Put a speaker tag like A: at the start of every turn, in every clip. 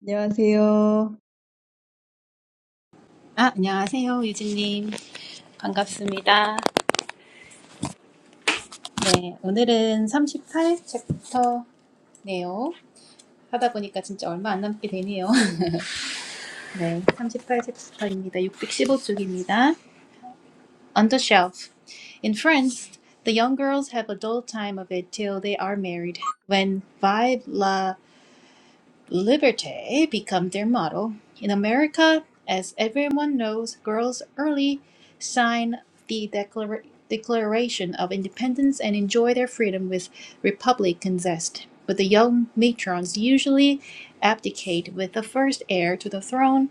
A: 안녕하세요.
B: 아, 안녕하세요, 유진님. 반갑습니다. 네, 오늘은 38챕터네요. 하다 보니까 진짜 얼마 안 남게 되네요. 네, 38챕터입니다. 615쪽입니다. On the shelf. In France, the young girls have a dull time of it till they are married, when vive la Liberté become their motto. In America, as everyone knows, girls early sign the Declar- Declaration of Independence and enjoy their freedom with Republican zest. But the young matrons usually abdicate with the first heir to the throne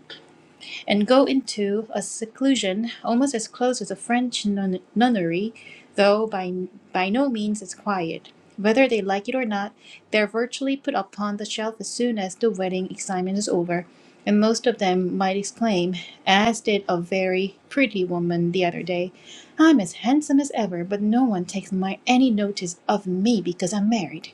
B: and go into a seclusion almost as close as a French nun- nunnery, though by, by no means as quiet. Whether they like it or not, they're virtually put upon the shelf as soon as the wedding excitement is over, and most of them might exclaim, as did a very pretty woman the other day, I'm as handsome as ever, but no one takes my any notice of me because I'm married.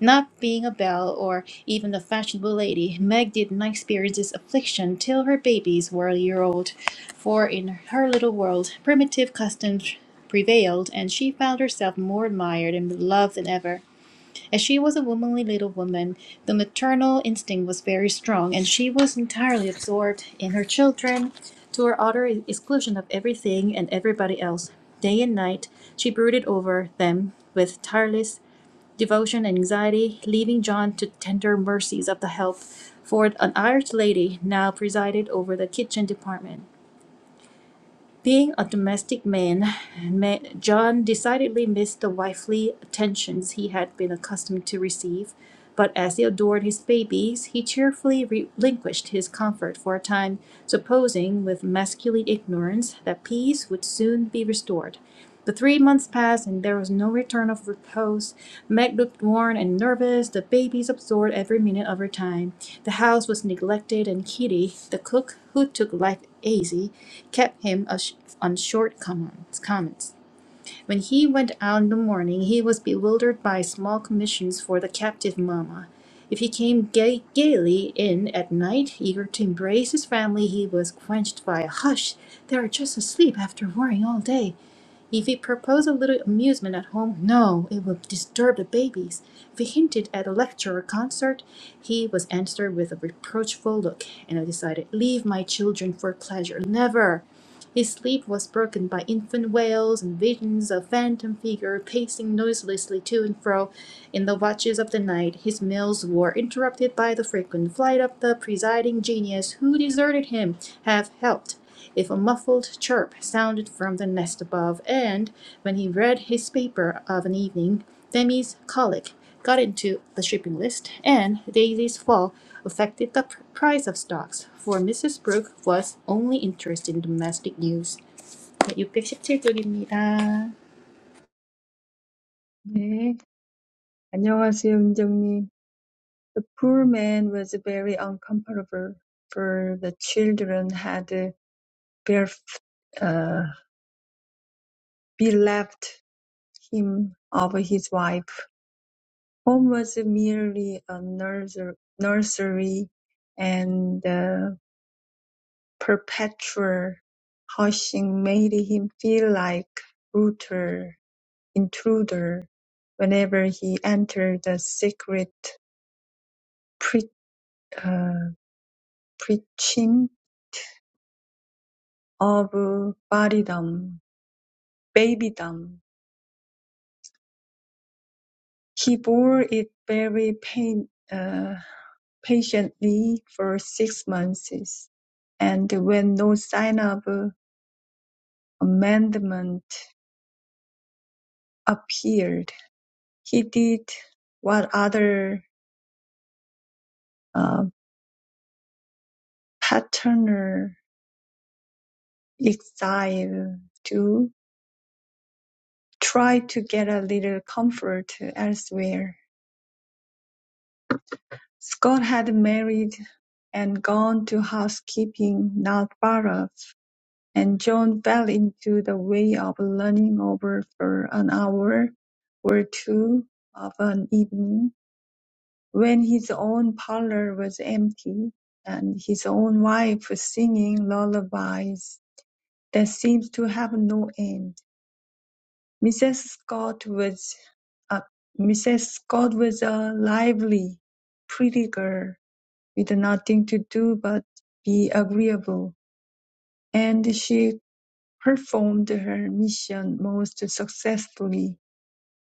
B: Not being a belle or even a fashionable lady, Meg did not experience this affliction till her babies were a year old, for in her little world primitive customs prevailed, and she found herself more admired and beloved than ever. As she was a womanly little woman, the maternal instinct was very strong, and she was entirely absorbed in her children to her utter exclusion of everything and everybody else. Day and night she brooded over them with tireless devotion and anxiety, leaving John to tender mercies of the help for an Irish lady now presided over the kitchen department. Being a domestic man, John decidedly missed the wifely attentions he had been accustomed to receive, but as he adored his babies, he cheerfully relinquished his comfort for a time, supposing with masculine ignorance that peace would soon be restored. The three months passed and there was no return of repose. Meg looked worn and nervous, the babies absorbed every minute of her time. The house was neglected, and Kitty, the cook, who took life easy, kept him ash- on short comments. comments. When he went out in the morning, he was bewildered by small commissions for the captive mamma. If he came gay- gaily in at night, eager to embrace his family, he was quenched by a hush. They are just asleep after worrying all day. If he proposed a little amusement at home, no, it would disturb the babies. If he hinted at a lecture or concert, he was answered with a reproachful look, and I decided, leave my children for pleasure, never. His sleep was broken by infant wails and visions of phantom figure pacing noiselessly to and fro in the watches of the night. His meals were interrupted by the frequent flight of the presiding genius who deserted him, Have helped if a muffled chirp sounded from the nest above, and when he read his paper of an evening, Demi's colic got into the shipping list, and Daisy's fall affected the price of stocks, for Mrs. Brooke was only interested in domestic news. 네, 617쪽입니다.
A: 네. 안녕하세요, 은정님. The poor man was very uncomfortable, for the children had bef- uh, bereft him of his wife. Home was merely a nurser- nursery, and the perpetual hushing made him feel like brutal intruder whenever he entered the secret preaching of martyrdom, babydom. He bore it very pain, uh, patiently for six months, and when no sign of uh, amendment appeared, he did what other uh, paternal exiles do, try to get a little comfort elsewhere Scott had married and gone to housekeeping, not baroque, and John fell into the way of leaning over for an hour or two of an evening, when his own parlour was empty, and his own wife singing lullabies that seemed to have no end. Mrs. Scott was a Mrs. Scott was a lively, pretty girl, with nothing to do but be agreeable, and she performed her mission most successfully.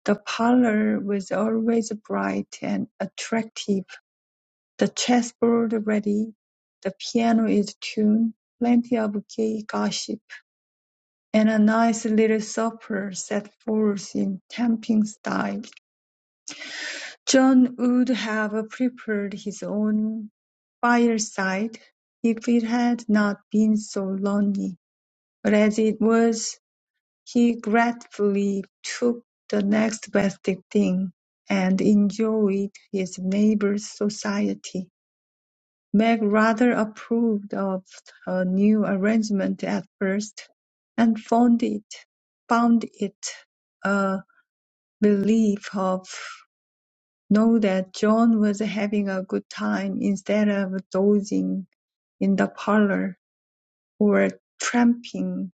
A: The parlor was always bright and attractive, the chessboard ready, the piano is tuned, plenty of gay gossip, and a nice little supper set forth in tempting style. John would have prepared his own fireside if it had not been so lonely; but as it was, he gratefully took the next best thing, and enjoyed his neighbor's society. Meg rather approved of her new arrangement at first, and found it found it a relief of Know that John was having a good time instead of dozing in the parlour, or tramping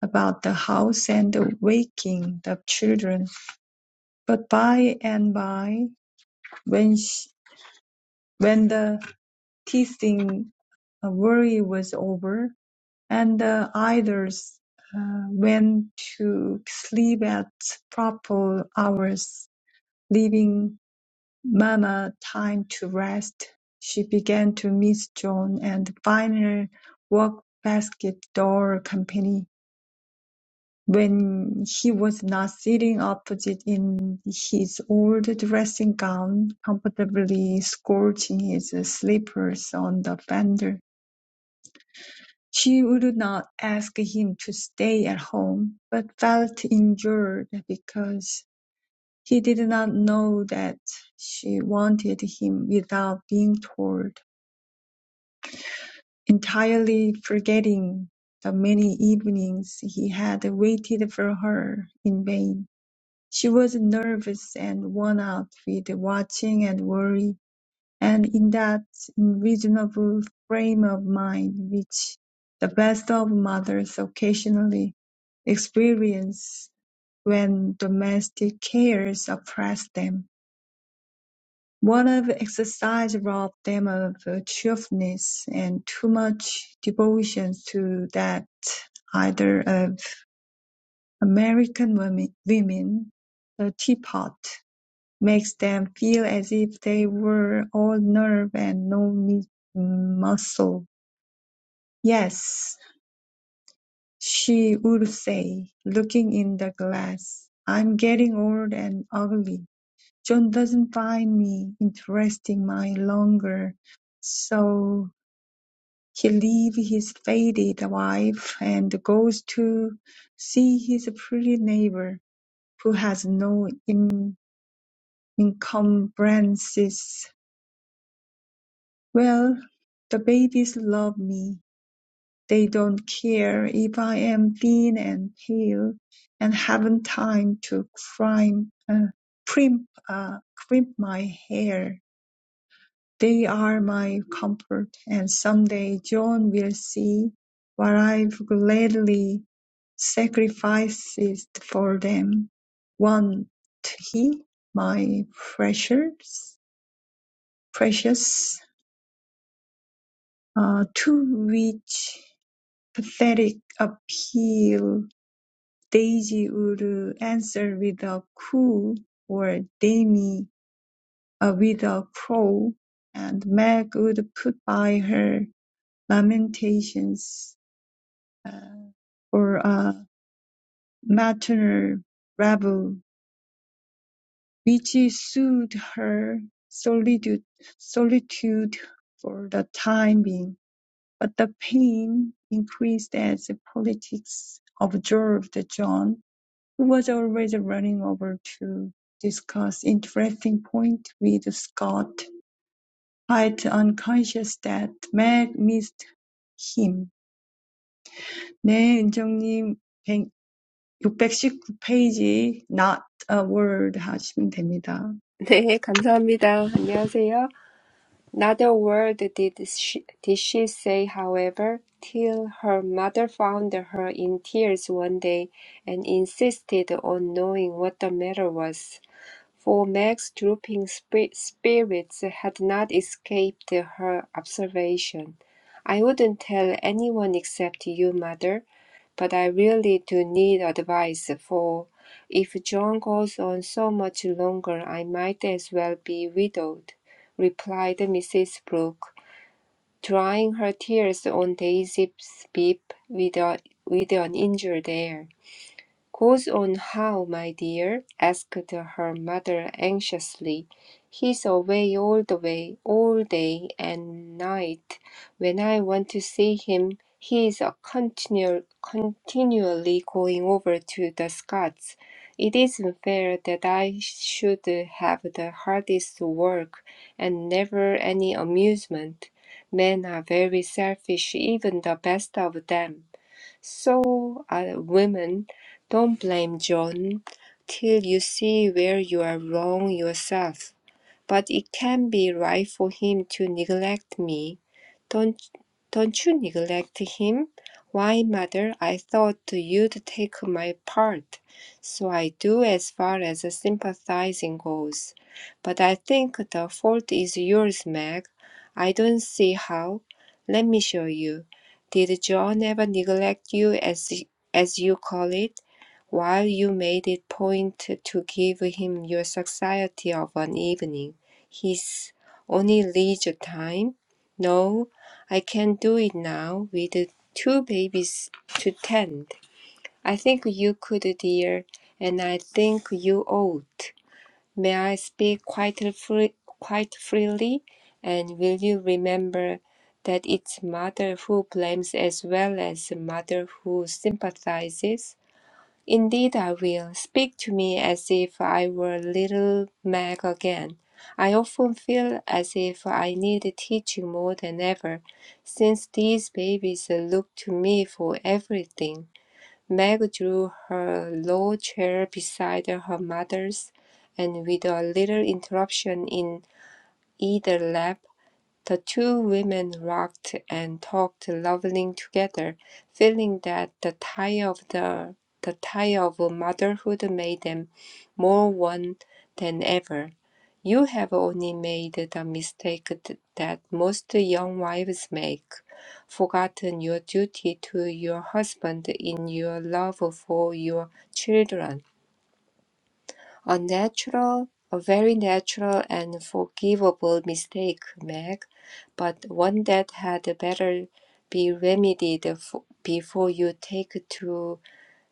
A: about the house and waking the children. But by and by, when she, when the teasing uh, worry was over, and the idlers uh, went to sleep at proper hours, leaving Mama, time to rest. She began to miss John and the final work-basketball company when he was not sitting opposite in his old dressing gown, comfortably scorching his slippers on the fender. She would not ask him to stay at home, but felt injured because he did not know that she wanted him without being told. entirely forgetting the many evenings he had waited for her in vain. She was nervous and worn out with watching and worry, and in that unreasonable frame of mind which the best of mothers occasionally experience when domestic cares oppress them. One of exercise robbed them of cheerfulness, and too much devotion to that either of American women, women, the teapot, makes them feel as if they were all nerve and no mi- muscle. Yes, she would say, looking in the glass, I'm getting old and ugly. John doesn't find me interesting my longer, so He leaves his faded wife and goes to see his pretty neighbor, who has no in- encumbrances. Well, the babies love me. They don't care if I am thin and pale and haven't time to crimp, uh, primp, uh, crimp my hair. They are my comfort, and someday John will see what I've gladly sacrificed for them. Won't he, my precious, precious, uh, to which pathetic appeal Daisy would answer with a coo or Demi uh, with a crow, and Meg would put by her lamentations uh, for a maternal rabble, which soothed her solitude, solitude for the time being. But the pain increased as politics observed John, who was always running over to discuss interesting point with Scott, quite unconscious that Meg missed him. 네, 은정님, 619 페이지 not a word 하시면 됩니다.
C: 네, 감사합니다. 안녕하세요. Not a word did she, did she say, however, till her mother found her in tears one day and insisted on knowing what the matter was. For Meg's drooping sp spirits had not escaped her observation. "I wouldn't tell anyone except you, mother, but I really do need advice, for if John goes on so much longer I might as well be widowed," replied Mrs. Brooke, drying her tears on Daisy's bib with, a, with an injured air. Goes on how, my dear? asked her mother anxiously. He's away all the way, all day and night. When I want to see him, he's a continual, continually going over to the Scots. It isn't fair that I should have the hardest work and never any amusement. Men are very selfish, even the best of them. So, uh, women, don't blame John till you see where you are wrong yourself but it can be right for him to neglect me. Don't, don't you neglect him? Why, mother, I thought you'd take my part, so I do as far as sympathizing goes. But I think the fault is yours, Meg. I don't see how. Let me show you. Did John ever neglect you as as you call it? while you made it point to give him your society of an evening his only leisure time. No, I can't do it now with two babies to tend. I think you could, dear, and I think you ought. May I speak quite free, quite freely? And will you remember that it's mother who blames as well as mother who sympathizes? Indeed I will. Speak to me as if I were little Meg again. I often feel as if I need teaching more than ever, since these babies look to me for everything. Meg drew her low chair beside her mother's, and with a little interruption in either lap, the two women rocked and talked lovingly together, feeling that the tie of the the tie of motherhood made them more one than ever. You have only made the mistake th- that most young wives make, forgotten your duty to your husband in your love for your children. A natural, a very natural and forgivable mistake, Meg, but one that had better be remedied f- before you take to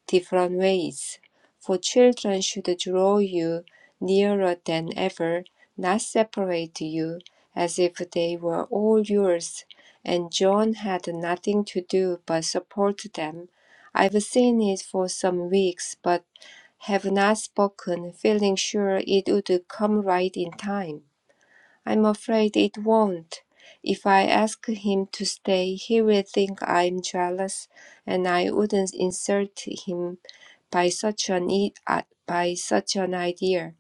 C: different ways. For children should draw you nearer than ever, not separate you, as if they were all yours, and John had nothing to do but support them. I've seen it for some weeks, but have not spoken, feeling sure it would come right in time. I'm afraid it won't. If I ask him to stay, he will think I'm jealous, and I wouldn't insult him by such an i- uh, by such an idea.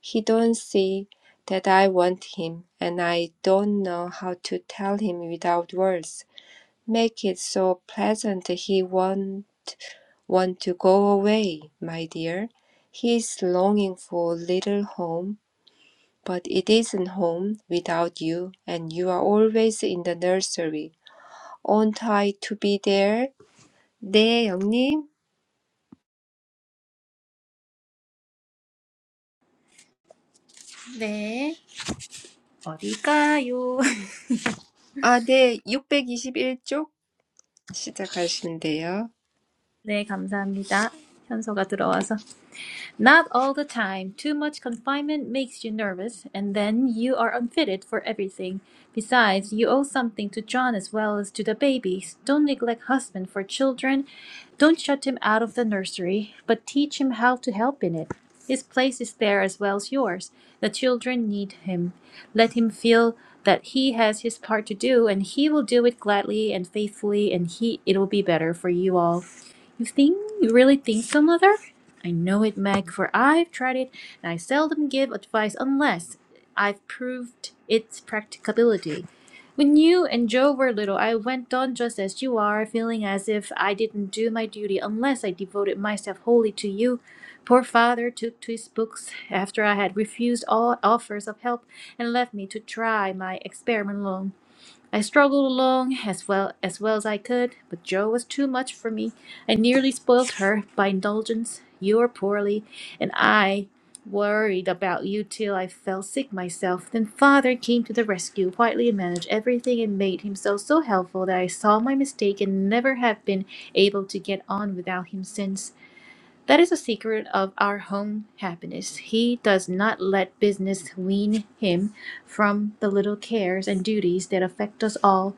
C: He don't see that I want him, and I don't know how to tell him without words. Make it so pleasant he won't want to go away, my dear. He is longing for a little home, but it isn't home without you, and you are always in the nursery. Aren't I to be there? 네, 영님.
B: 네. 어딜까요?
C: 아, 네, 621쪽 시작하시면 돼요.
B: 네, 감사합니다. 현서가 들어와서. Not all the time. Too much confinement makes you nervous, and then you are unfitted for everything. Besides, you owe something to John as well as to the babies. Don't neglect husband for children. Don't shut him out of the nursery, but teach him how to help in it. His place is there as well as yours. The children need him. Let him feel that he has his part to do, and he will do it gladly and faithfully, and he it'll be better for you all. You think you really think so, mother? I know it, Meg, for I've tried it, and I seldom give advice unless I've proved its practicability. When you and Joe were little, I went on just as you are, feeling as if I didn't do my duty unless I devoted myself wholly to you. Poor father took to his books after I had refused all offers of help and left me to try my experiment alone. I struggled along as well as well as I could, but Jo was too much for me. I nearly spoiled her by indulgence. You were poorly, and I worried about you till I fell sick myself. Then father came to the rescue, quietly managed everything and made himself so helpful that I saw my mistake and never have been able to get on without him since. That is a secret of our home happiness. He does not let business wean him from the little cares and duties that affect us all.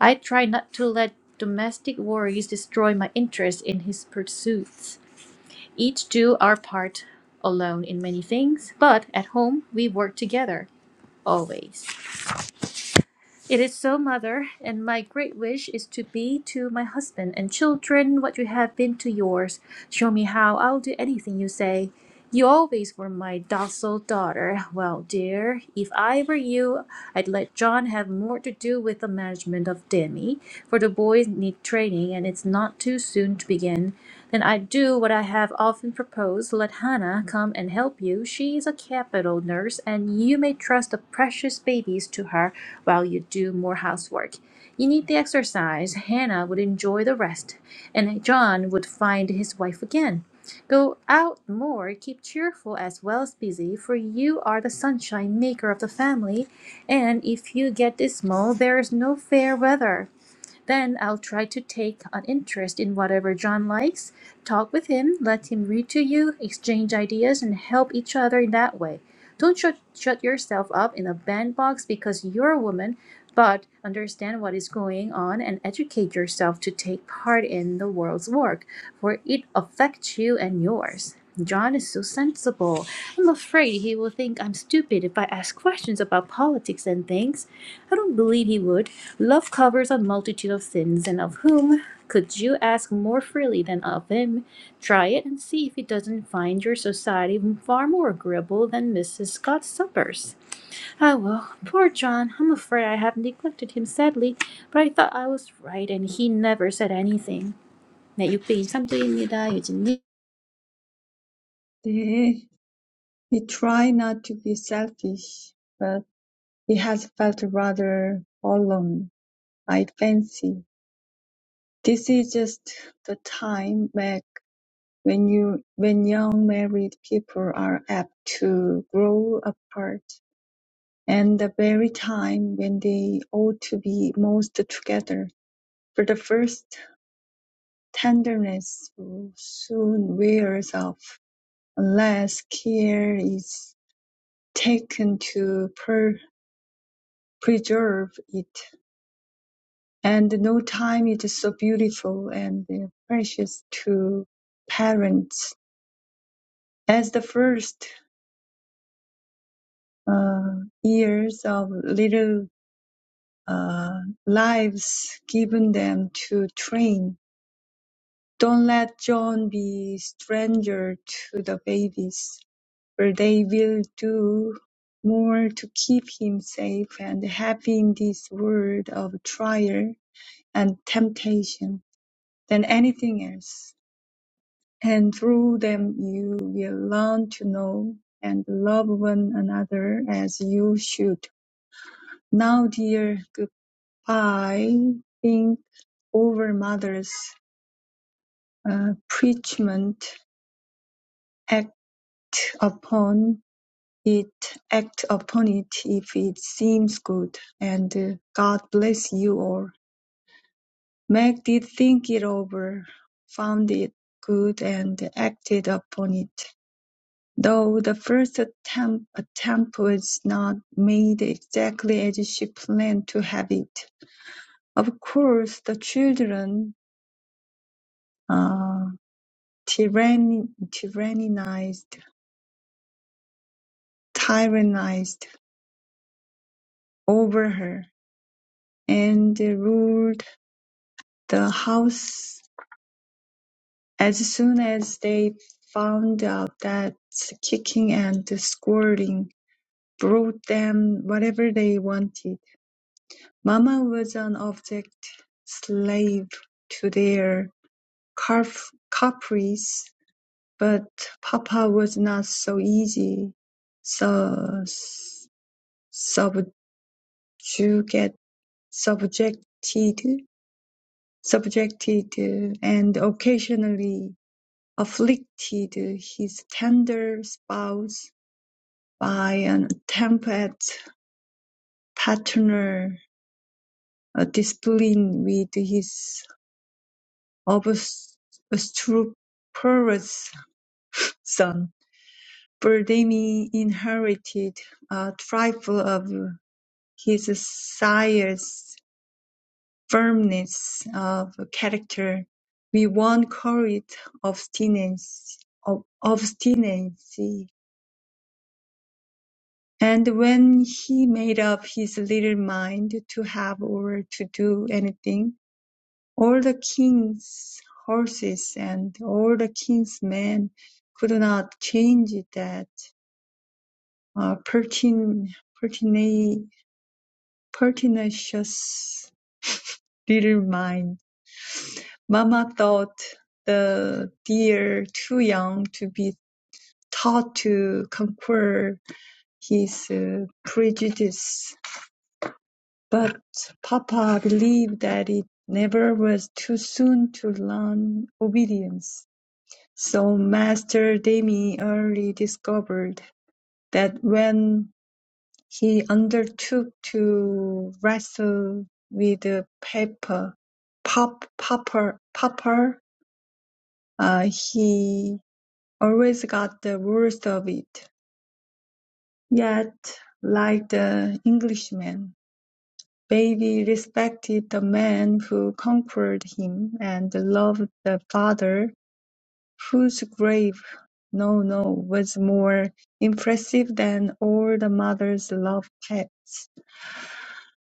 B: I try not to let domestic worries destroy my interest in his pursuits. Each do our part alone in many things, but at home we work together always. It is so, mother, and my great wish is to be to my husband and children what you have been to yours. Show me how I'll do anything you say. You always were my docile daughter. Well, dear, if I were you, I'd let John have more to do with the management of Demi, for the boys need training training and it's not too soon to begin, then I'd do what I have often proposed let Hannah come and help you. She is a capital nurse, and you may trust the precious babies to her while you do more housework. You need the exercise. Hannah would enjoy the rest, and John would find his wife again. Go out more, keep cheerful as well as busy, for you are the sunshine maker of the family, and if you get dismal, there is no fair weather. Then I'll try to take an interest in whatever John likes, talk with him, let him read to you, exchange ideas, and help each other in that way. Don't shut, shut yourself up in a bandbox because you're a woman, but understand what is going on and educate yourself to take part in the world's work for it affects you and yours. John is so sensible. I'm afraid he will think I'm stupid if I ask questions about politics and things. I don't believe he would. Love covers a multitude of sins, and of whom could you ask more freely than of him? Try it and see if he doesn't find your society far more agreeable than Mrs. Scott's suppers. Ah, well, poor John. I'm afraid I have neglected him sadly, but I thought I was right, and he never said anything. 네, 623쪽입니다. 유진님.
A: 네, we try not to be selfish, but he has felt rather alone, I fancy. This is just the time, Meg, when you, when young married people are apt to grow apart, and the very time when they ought to be most together. For the first tenderness soon wears off, unless care is taken to per- preserve it. And no time is so beautiful and precious to parents as the first uh, years of little uh, lives given them to train. Don't let John be stranger to the babies for they will do more to keep him safe and happy in this world of trial and temptation than anything else. And through them you will learn to know and love one another as you should. Now, dear, goodbye. Think over mother's uh, preachment. Act upon it act upon it if it seems good, and uh, God bless you all. Meg did think it over, found it good, and acted upon it. Though the first attempt, attempt was not made exactly as she planned to have it. Of course, the children uh, tyranni- tyrannized, tyrannized over her and ruled the house As soon as they found out that kicking and scolding brought them whatever they wanted, Mama was an object slave to their carf- caprice, but Papa was not so easy, so subjugate, subjected, subjected, and occasionally afflicted his tender spouse by an temperate, paternal uh, discipline with his obstreperous son. Vladimir inherited a trifle of his sire's firmness of character. We won't call it obstinacy, ob- obstinacy. And when he made up his little mind to have or to do anything, All the king's horses and all the king's men could not change that uh, pertin- pertina- pertinacious little mind. Mama thought the deer too young to be taught to conquer his uh, prejudice, but Papa believed that it never was too soon to learn obedience. So Master Demi early discovered that when he undertook to wrestle with Pepper, Pop, Popper, Popper, uh, he always got the worst of it. Yet, like the Englishman, Baby respected the man who conquered him and loved the father whose grave, no, no, was more impressive than all the mother's love pets.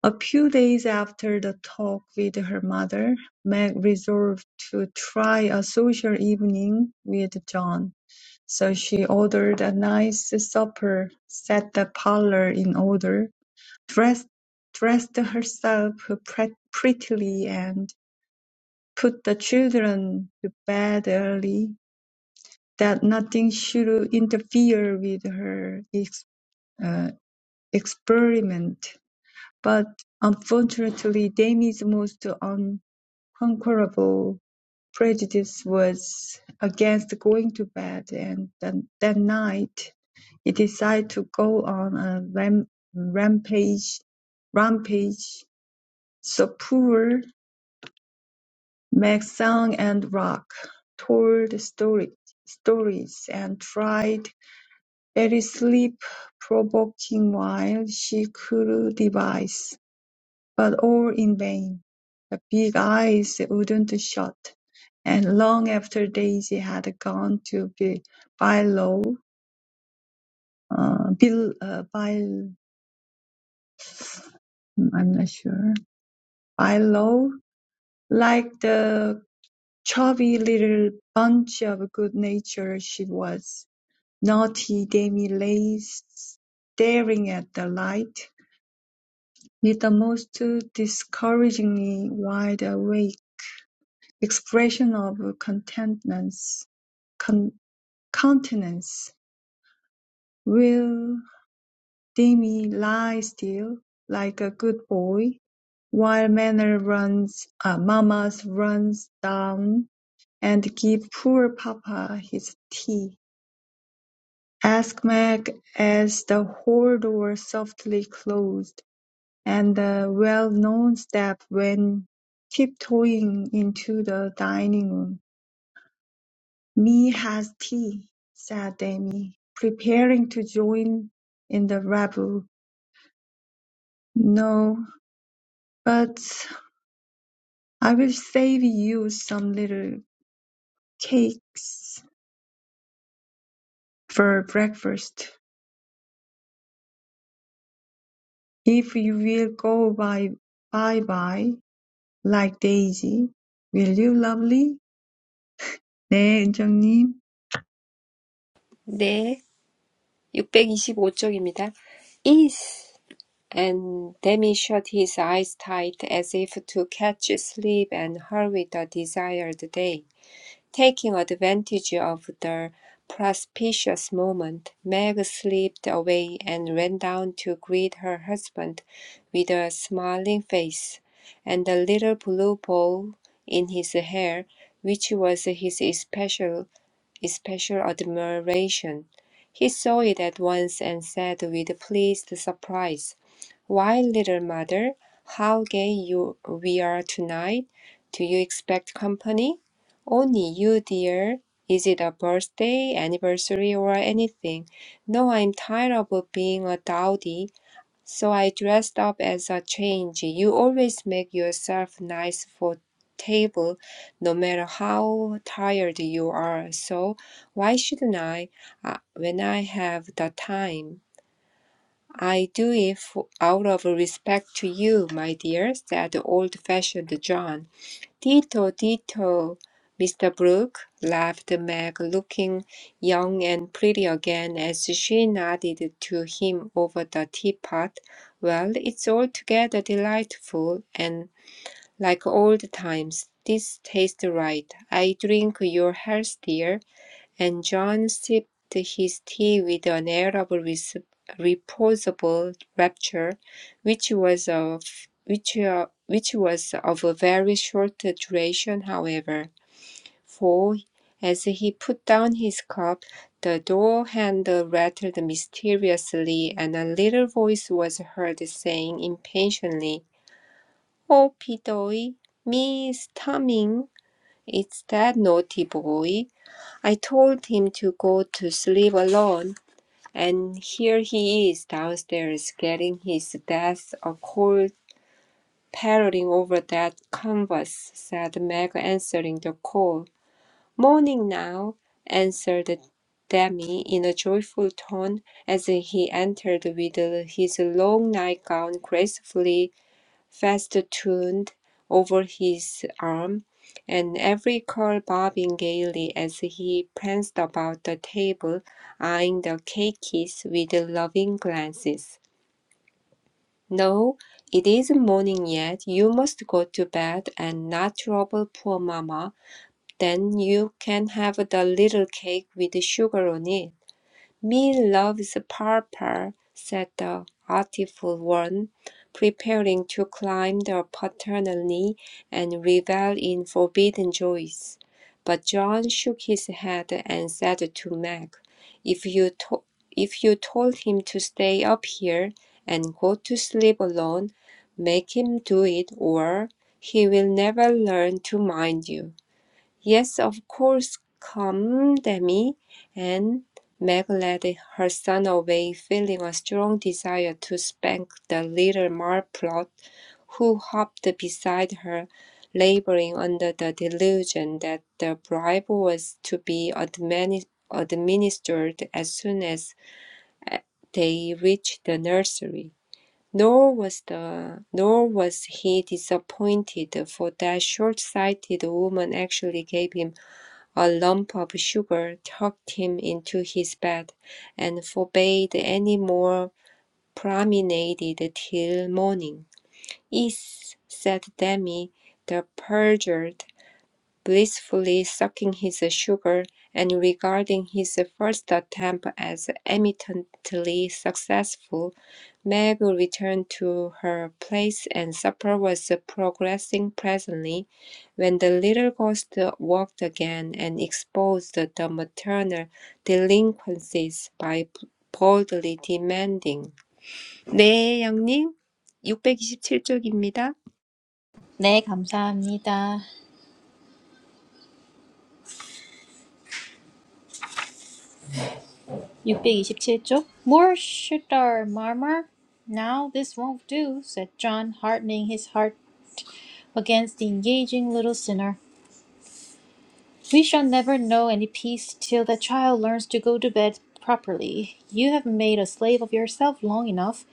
A: A few days after the talk with her mother, Meg resolved to try a social evening with John. So she ordered a nice supper, set the parlor in order, dressed, dressed herself pre- prettily, and put the children to bed early that nothing should interfere with her ex- uh, experiment. But unfortunately, Demi's most unconquerable prejudice was against going to bed, and that, that night he decided to go on a ram- rampage, rampage. So poor Max sang and rock, told story, stories, and tried It is sleep-provoking while she could devise, but all in vain, the big eyes wouldn't shut, and long after Daisy had gone to be Bilo, uh, Bil, uh, Bil, I'm not sure, Bilo, like the chubby little bunch of good nature she was, naughty Demi lay staring at the light With the most discouragingly wide-awake expression of countenance, Countenance. will Demi lie still, like a good boy, while Manner runs uh, Mama's runs down and give poor Papa his tea? asked Meg as the hall door softly closed. and the well-known step when tiptoeing into the dining room. "Me has tea," said Amy, preparing to join in the revel. "No, but I will save you some little cakes for breakfast, if you will go by bye-bye like Daisy. Will you, lovely?" "네, 은정님."
C: 네, 육백이십오 쪽입니다. Is and Demi shut his eyes tight as if to catch sleep and hurry the desired day. Taking advantage of the propitious moment, Meg slipped away and ran down to greet her husband with a smiling face and a little blue bow in his hair, which was his especial, especial admiration. He saw it at once and said with pleased surprise, why, little mother, how gay you we are tonight. Do you expect company? Only you, dear. Is it a birthday, anniversary, or anything? No, I'm tired of being a dowdy, so I dressed up as a change. You always make yourself nice for table, no matter how tired you are. So why shouldn't I, uh, when I have the time? I do it out of respect to you, my dear, said old-fashioned John. Ditto, ditto, Mr. Brooke, laughed Meg, looking young and pretty again as she nodded to him over the teapot. Well, it's altogether delightful, and like old times, this tastes right. I drink your health, dear. And John sipped his tea with an air of res- reposeful rapture, which was of which, uh, which was of a very short duration, however, for as he put down his cup, the door handle rattled mysteriously, and a little voice was heard saying impatiently, "Oh, Pidoy, me's coming. It's that naughty boy." I told him to go to sleep alone, and here he is downstairs getting his death a cold parroting over that canvas, said Meg, answering the call. Morning now, answered Demi in a joyful tone as he entered with his long nightgown gracefully festooned over his arm, and every curl bobbing gaily as he pranced about the table, eyeing the cakes with loving glances. No, it isn't morning yet. You must go to bed and not trouble poor mamma. Then you can have the little cake with sugar on it. "Me loves Papa," said the artful one, preparing to climb the paternal knee and revel in forbidden joys. But John shook his head and said to Meg, "If you to- if you told him to stay up here and go to sleep alone, make him do it, or he will never learn to mind you." Yes, of course, come, Demi. And Meg led her son away, feeling a strong desire to spank the little marplot who hopped beside her, laboring under the delusion that the bribe was to be admini- administered as soon as they reached the nursery. Nor was the nor was he disappointed, for that short-sighted woman actually gave him a lump of sugar tucked him into his bed, and forbade any more promenade till morning. "Ees," said Demi, the perjured, blissfully sucking his sugar, and regarding his first attempt as eminently successful. Meg returned to her place, and supper was progressing pleasantly when the little ghost walked again and exposed the maternal delinquencies by boldly demanding, 네, 양님, 육백이십칠 쪽입니다.
B: 네, 감사합니다. 627쪽. More should our murmur? Now this won't do, said John, hardening his heart against the engaging little sinner. We shall never know any peace till the child learns to go to bed properly. You have made a slave of yourself long enough.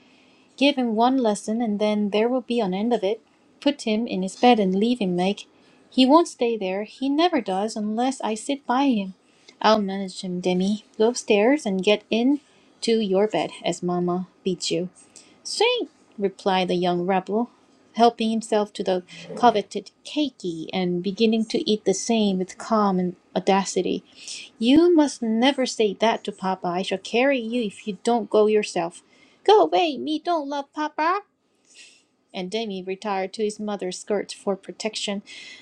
B: Give him one lesson, and then there will be an end of it. Put him in his bed and leave him, Meg. He won't stay there. He never does unless I sit by him. I'll manage him, Demi. Go upstairs and get in to your bed, as Mamma bids you. Sing, replied the young rebel, helping himself to the coveted cakey and beginning to eat the same with calm and audacity. You must never say that to Papa. I shall carry you if you don't go yourself. Go away, me don't love Papa. And Demi retired to his mother's skirt for protection.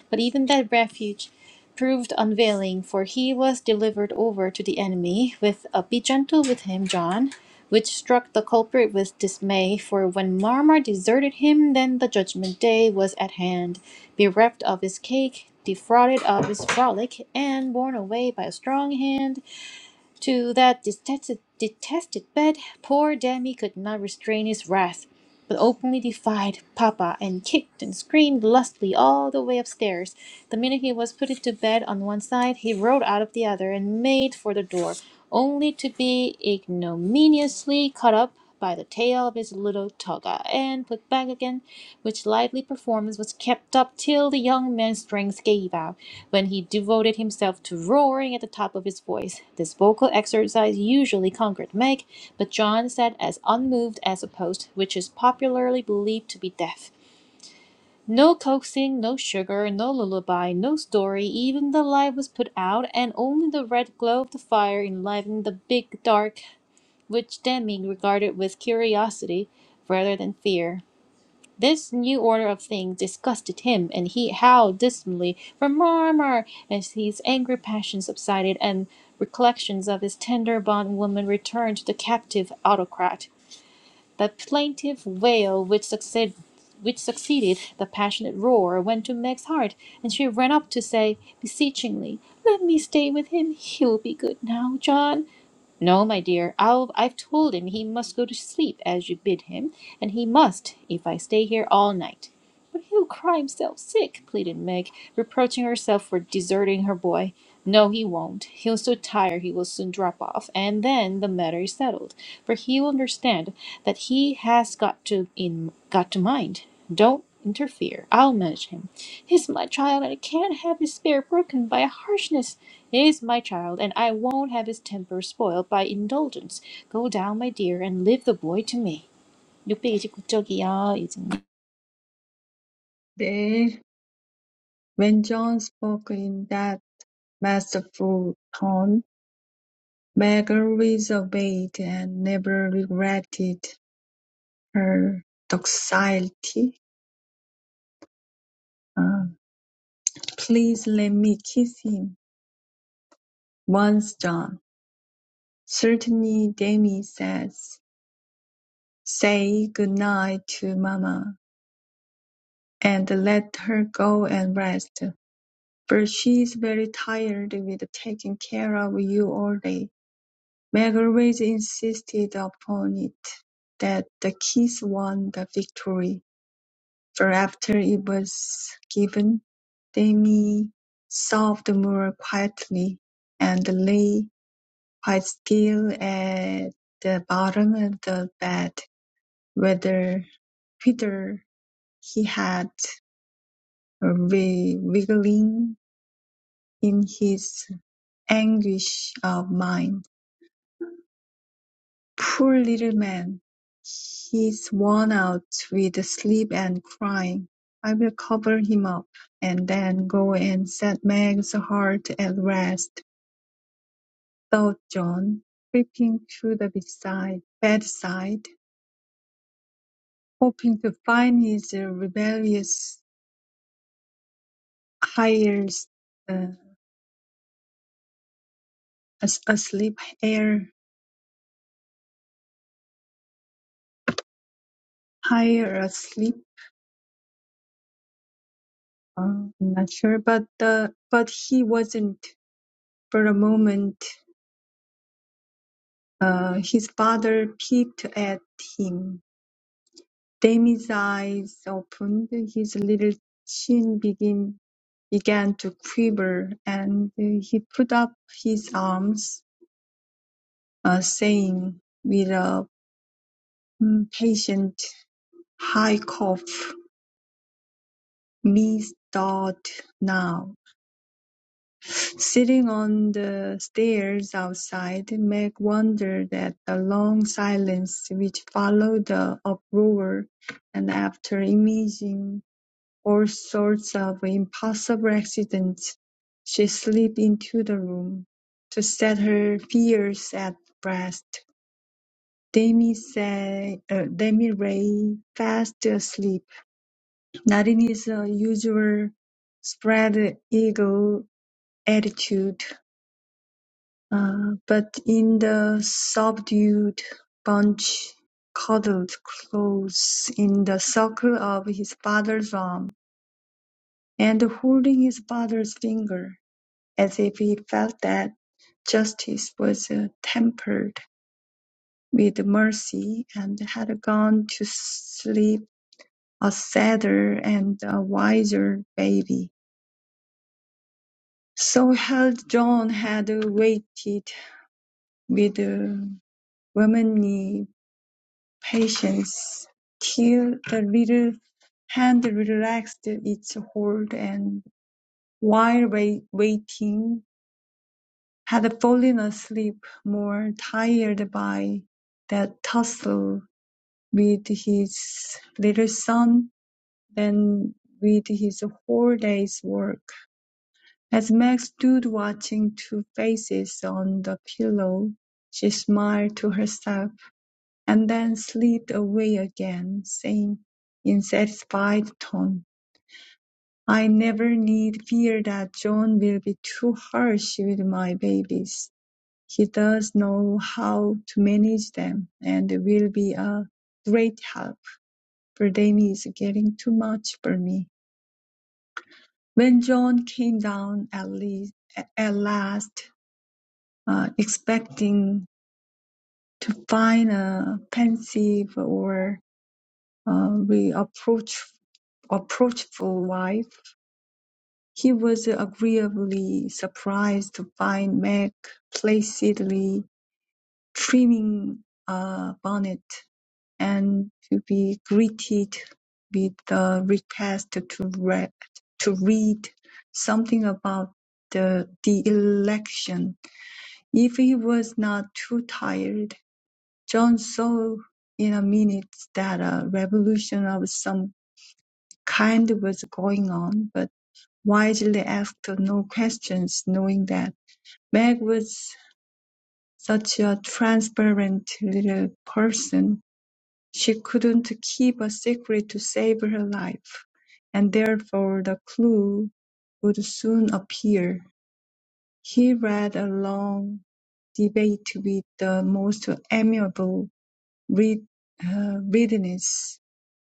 B: But even that refuge proved unavailing, for he was delivered over to the enemy with a be gentle with him, John, which struck the culprit with dismay, for when Marmar deserted him, then the judgment day was at hand. Bereft of his cake, defrauded of his frolic, and borne away by a strong hand, to that detested, detested bed, poor Demi could not restrain his wrath, but openly defied Papa and kicked and screamed lustily all the way upstairs. The minute he was put into bed on one side, he rolled out of the other and made for the door, only to be ignominiously caught up by the tail of his little toga and put back again, which lively performance was kept up till the young man's strength gave out, when he devoted himself to roaring at the top of his voice. This vocal exercise usually conquered Meg, but John sat as unmoved as a post, which is popularly believed to be deaf. No coaxing, no sugar, no lullaby, no story. Even the light was put out, and only the red glow of the fire enlivened the big dark, which Demi regarded with curiosity rather than fear. This new order of things disgusted him, and he howled dismally for Marmar as his angry passion subsided and recollections of his tender bondwoman returned to the captive autocrat. The plaintive wail which succeeded which succeeded the passionate roar went to Meg's heart, and she ran up to say beseechingly, "Let me stay with him. He will be good now, John." No, my dear, I'll, I've told him he must go to sleep as you bid him, and he must, if I stay here all night. But he'll cry himself sick, pleaded Meg, reproaching herself for deserting her boy. No, he won't. He's so tired he will soon drop off, and then the matter is settled for he will understand that he has got to in got to mind. Don't interfere. I'll manage him. He's my child, and I can't have his spirit broken by harshness. He's my child, and I won't have his temper spoiled by indulgence. Go down, my dear, and leave the boy to me. 629쪽이요, 이진님.
A: "네." When John spoke in that Masterful-toned, Margaret obeyed and never regretted her docility. Ah, "Please let me kiss him once, John." "Certainly," Demi says. "Say good night to Mama, and let her go and rest, for she's very tired with taking care of you all day." Margaret insisted upon it that the kiss won the victory. For after it was given, Demi sobbed more quietly, and lay quite still at the bottom of the bed, Whether Peter, he had wi- wriggling in his anguish of mind. Poor little man, he's worn out with sleep and crying. I'll cover him up, and then go and set Meg's heart at rest, thought John, creeping to the bedside, bedside, hoping to find his rebellious heirs uh, as- asleep, heir higher asleep. Uh, I'm not sure, but uh, but he wasn't for a moment. Uh, His father peeked at him. Demi's eyes opened, his little chin begin- began to quiver, and uh, he put up his arms, uh, saying with a mm, patient high cough, "Me start now." Sitting on the stairs outside, Meg wondered at the long silence which followed the uproar, and after imagining all sorts of impossible accidents, she slipped into the room. To set her fears at rest, Demi, say, uh, Demi Ray, fast asleep, not in his uh, usual spread eagle attitude Uh, but in the subdued bunch cuddled close in the circle of his father's arm, and holding his father's finger, as if he felt that justice was uh, tempered with mercy and had gone to sleep a sadder and a wiser baby. So held John had waited with uh, womanly patience till the little hand relaxed its hold and while wai- waiting had fallen asleep more tired by that tussle with his little son than with his whole day's work. As Meg stood watching two faces on the pillow, she smiled to herself. and then slid away again, saying in satisfied tone, "I never need fear that John will be too harsh with my babies. He does know how to manage them, and will be a great help, for them is getting too much for me." When John came down at least, at last, uh, expecting to find a pensive or uh, reproachful approachable wife, he was agreeably surprised to find Meg placidly trimming a bonnet, and to be greeted with the request to read, to read something about the, the election. If he was not too tired, John saw in a minute that a revolution of some kind was going on, but. Widely asked no questions, knowing that Meg was such a transparent little person, she couldn't keep a secret to save her life, and therefore the clue would soon appear. He read a long debate with the most amiable read, uh, readiness,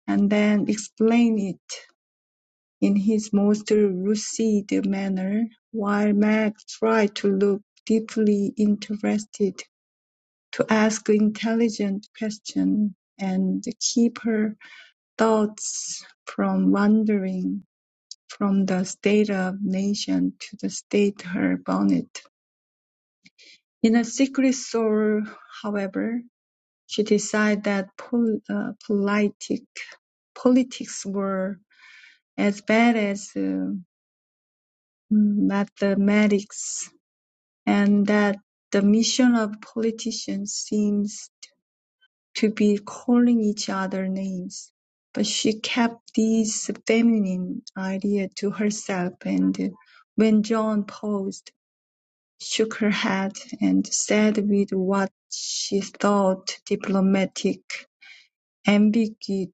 A: and then explained it. in his most lucid manner, while Meg tried to look deeply interested, to ask intelligent questions, and keep her thoughts from wandering from the state of nation to the state her bonnet. In a secret soul, however, she decided that pol- uh, politic, politics were as bad as uh, mathematics And that the mission of politicians seems to be calling each other names. But she kept this feminine idea to herself, and when John paused, shook her head and said with what she thought diplomatic ambigu-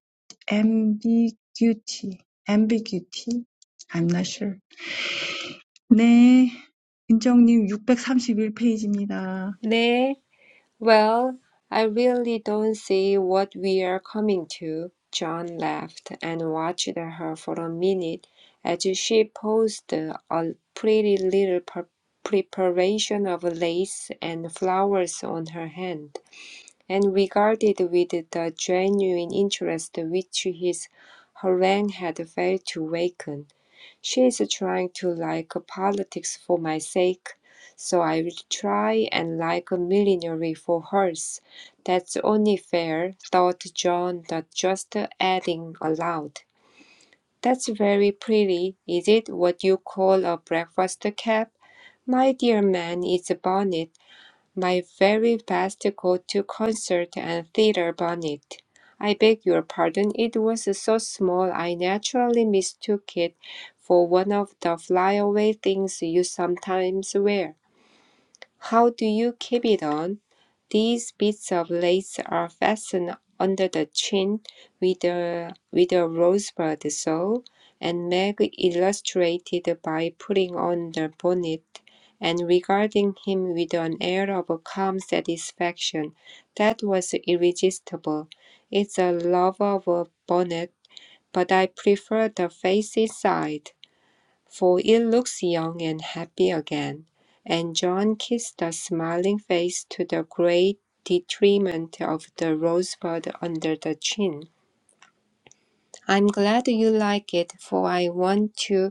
A: ambiguity, ambiguity? I'm not sure. 네, 인정님 631 페이지입니다.
C: 네. Well, I really don't see what we are coming to. John laughed and watched her for a minute as she posed a pretty little pre- preparation of lace and flowers on her hand, and regarded with the genuine interest which his harangue had failed to waken. She is trying to like politics for my sake, so I will try and like millinery for hers. That's only fair, thought John, not just adding aloud. That's very pretty. Is it what you call a breakfast cap? My dear man, it's a bonnet my very best go to concert and theater bonnet. I beg your pardon, it was so small I naturally mistook it for one of the flyaway things you sometimes wear. How do you keep it on? These bits of lace are fastened under the chin with a, with a rosebud sole, and Meg illustrated by putting on the bonnet and regarding him with an air of calm satisfaction that was irresistible. It's a love of a bonnet, but I prefer the facey side for it looks young and happy again. And John kissed the smiling face to the great detriment of the rosebud under the chin. I'm glad you like it, for I want to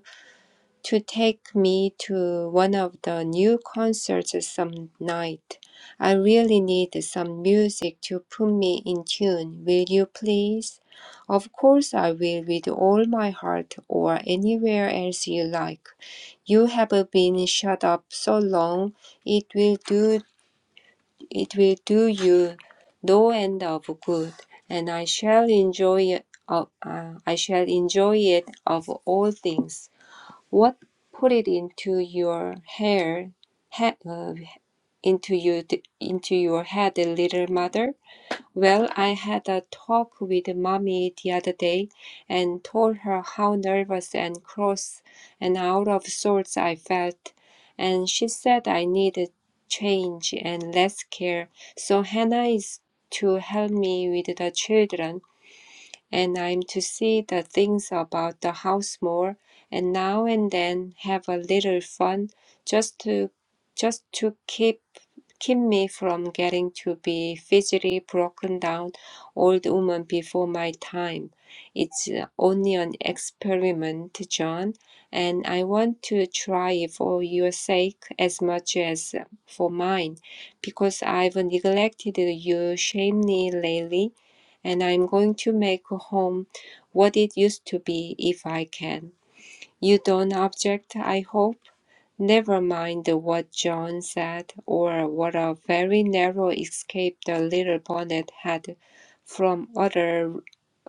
C: to take me to one of the new concerts some night. I really need some music to put me in tune. Will you please? Of course, I will with all my heart or anywhere else you like. You have been shut up so long, it will do it will do you no end of good, and I shall enjoy it, uh, uh, I shall enjoy it of all things. What put it into your hair, ha uh, into you, into your head, little mother? Well, I had a talk with mommy the other day and told her how nervous and cross and out of sorts I felt, and she said I needed change and less care. So Hannah is to help me with the children and I'm to see the things about the house more, and now and then have a little fun, just to just to keep keep me from getting to be physically broken down old woman before my time. It's uh, only an experiment, John, and I want to try it for your sake as much as for mine, because I've neglected you shamefully lately, and I'm going to make home what it used to be if I can. You don't object, I hope? Never mind what John said, or what a very narrow escape the little bonnet had from other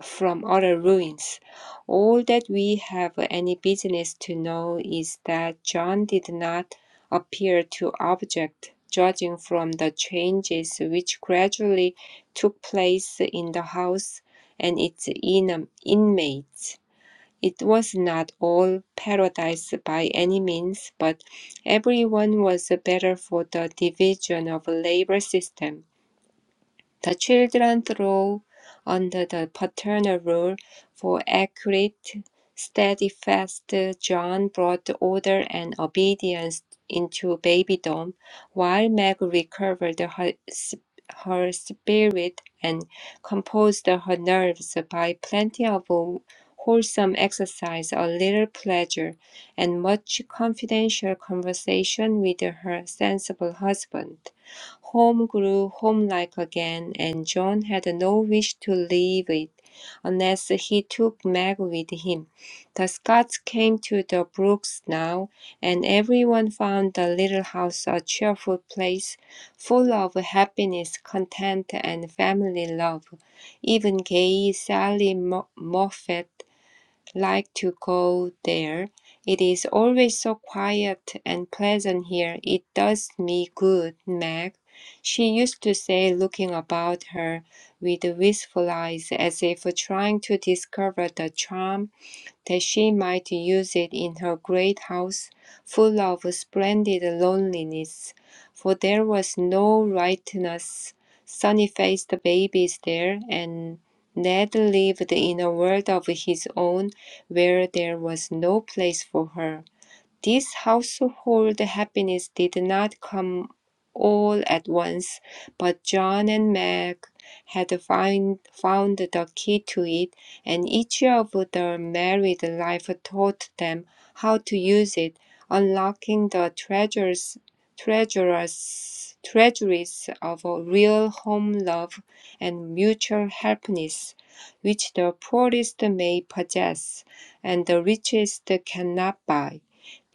C: from other ruins. All that we have any business to know is that John did not appear to object, judging from the changes which gradually took place in the house and its inam- inmates. It was not all paradise by any means, but everyone was better for the division of labor system. The children throw under the paternal rule for accurate, steadfast John brought order and obedience into babydom, while Meg recovered her, s- her spirit and composed her nerves by plenty of wholesome exercise, a little pleasure, and much confidential conversation with her sensible husband. Home grew homelike again, and John had no wish to leave it unless he took Meg with him. The Scots came to the Brooks now, and everyone found the little house a cheerful place, full of happiness, content, and family love. Even gay Sally Moffat like to go there. It is always so quiet and pleasant here. It does me good, Meg. She used to say, looking about her with wistful eyes, as if trying to discover the charm that she might use it in her great house full of splendid loneliness, for there was no riotous, sunny faced babies there, and Ned lived in a world of his own where there was no place for her. This household happiness did not come all at once, but John and Meg had find, found the key to it, and each of their married life taught them how to use it, unlocking the treasures, treasures, treasuries of a real home love and mutual happiness, which the poorest may possess and the richest cannot buy.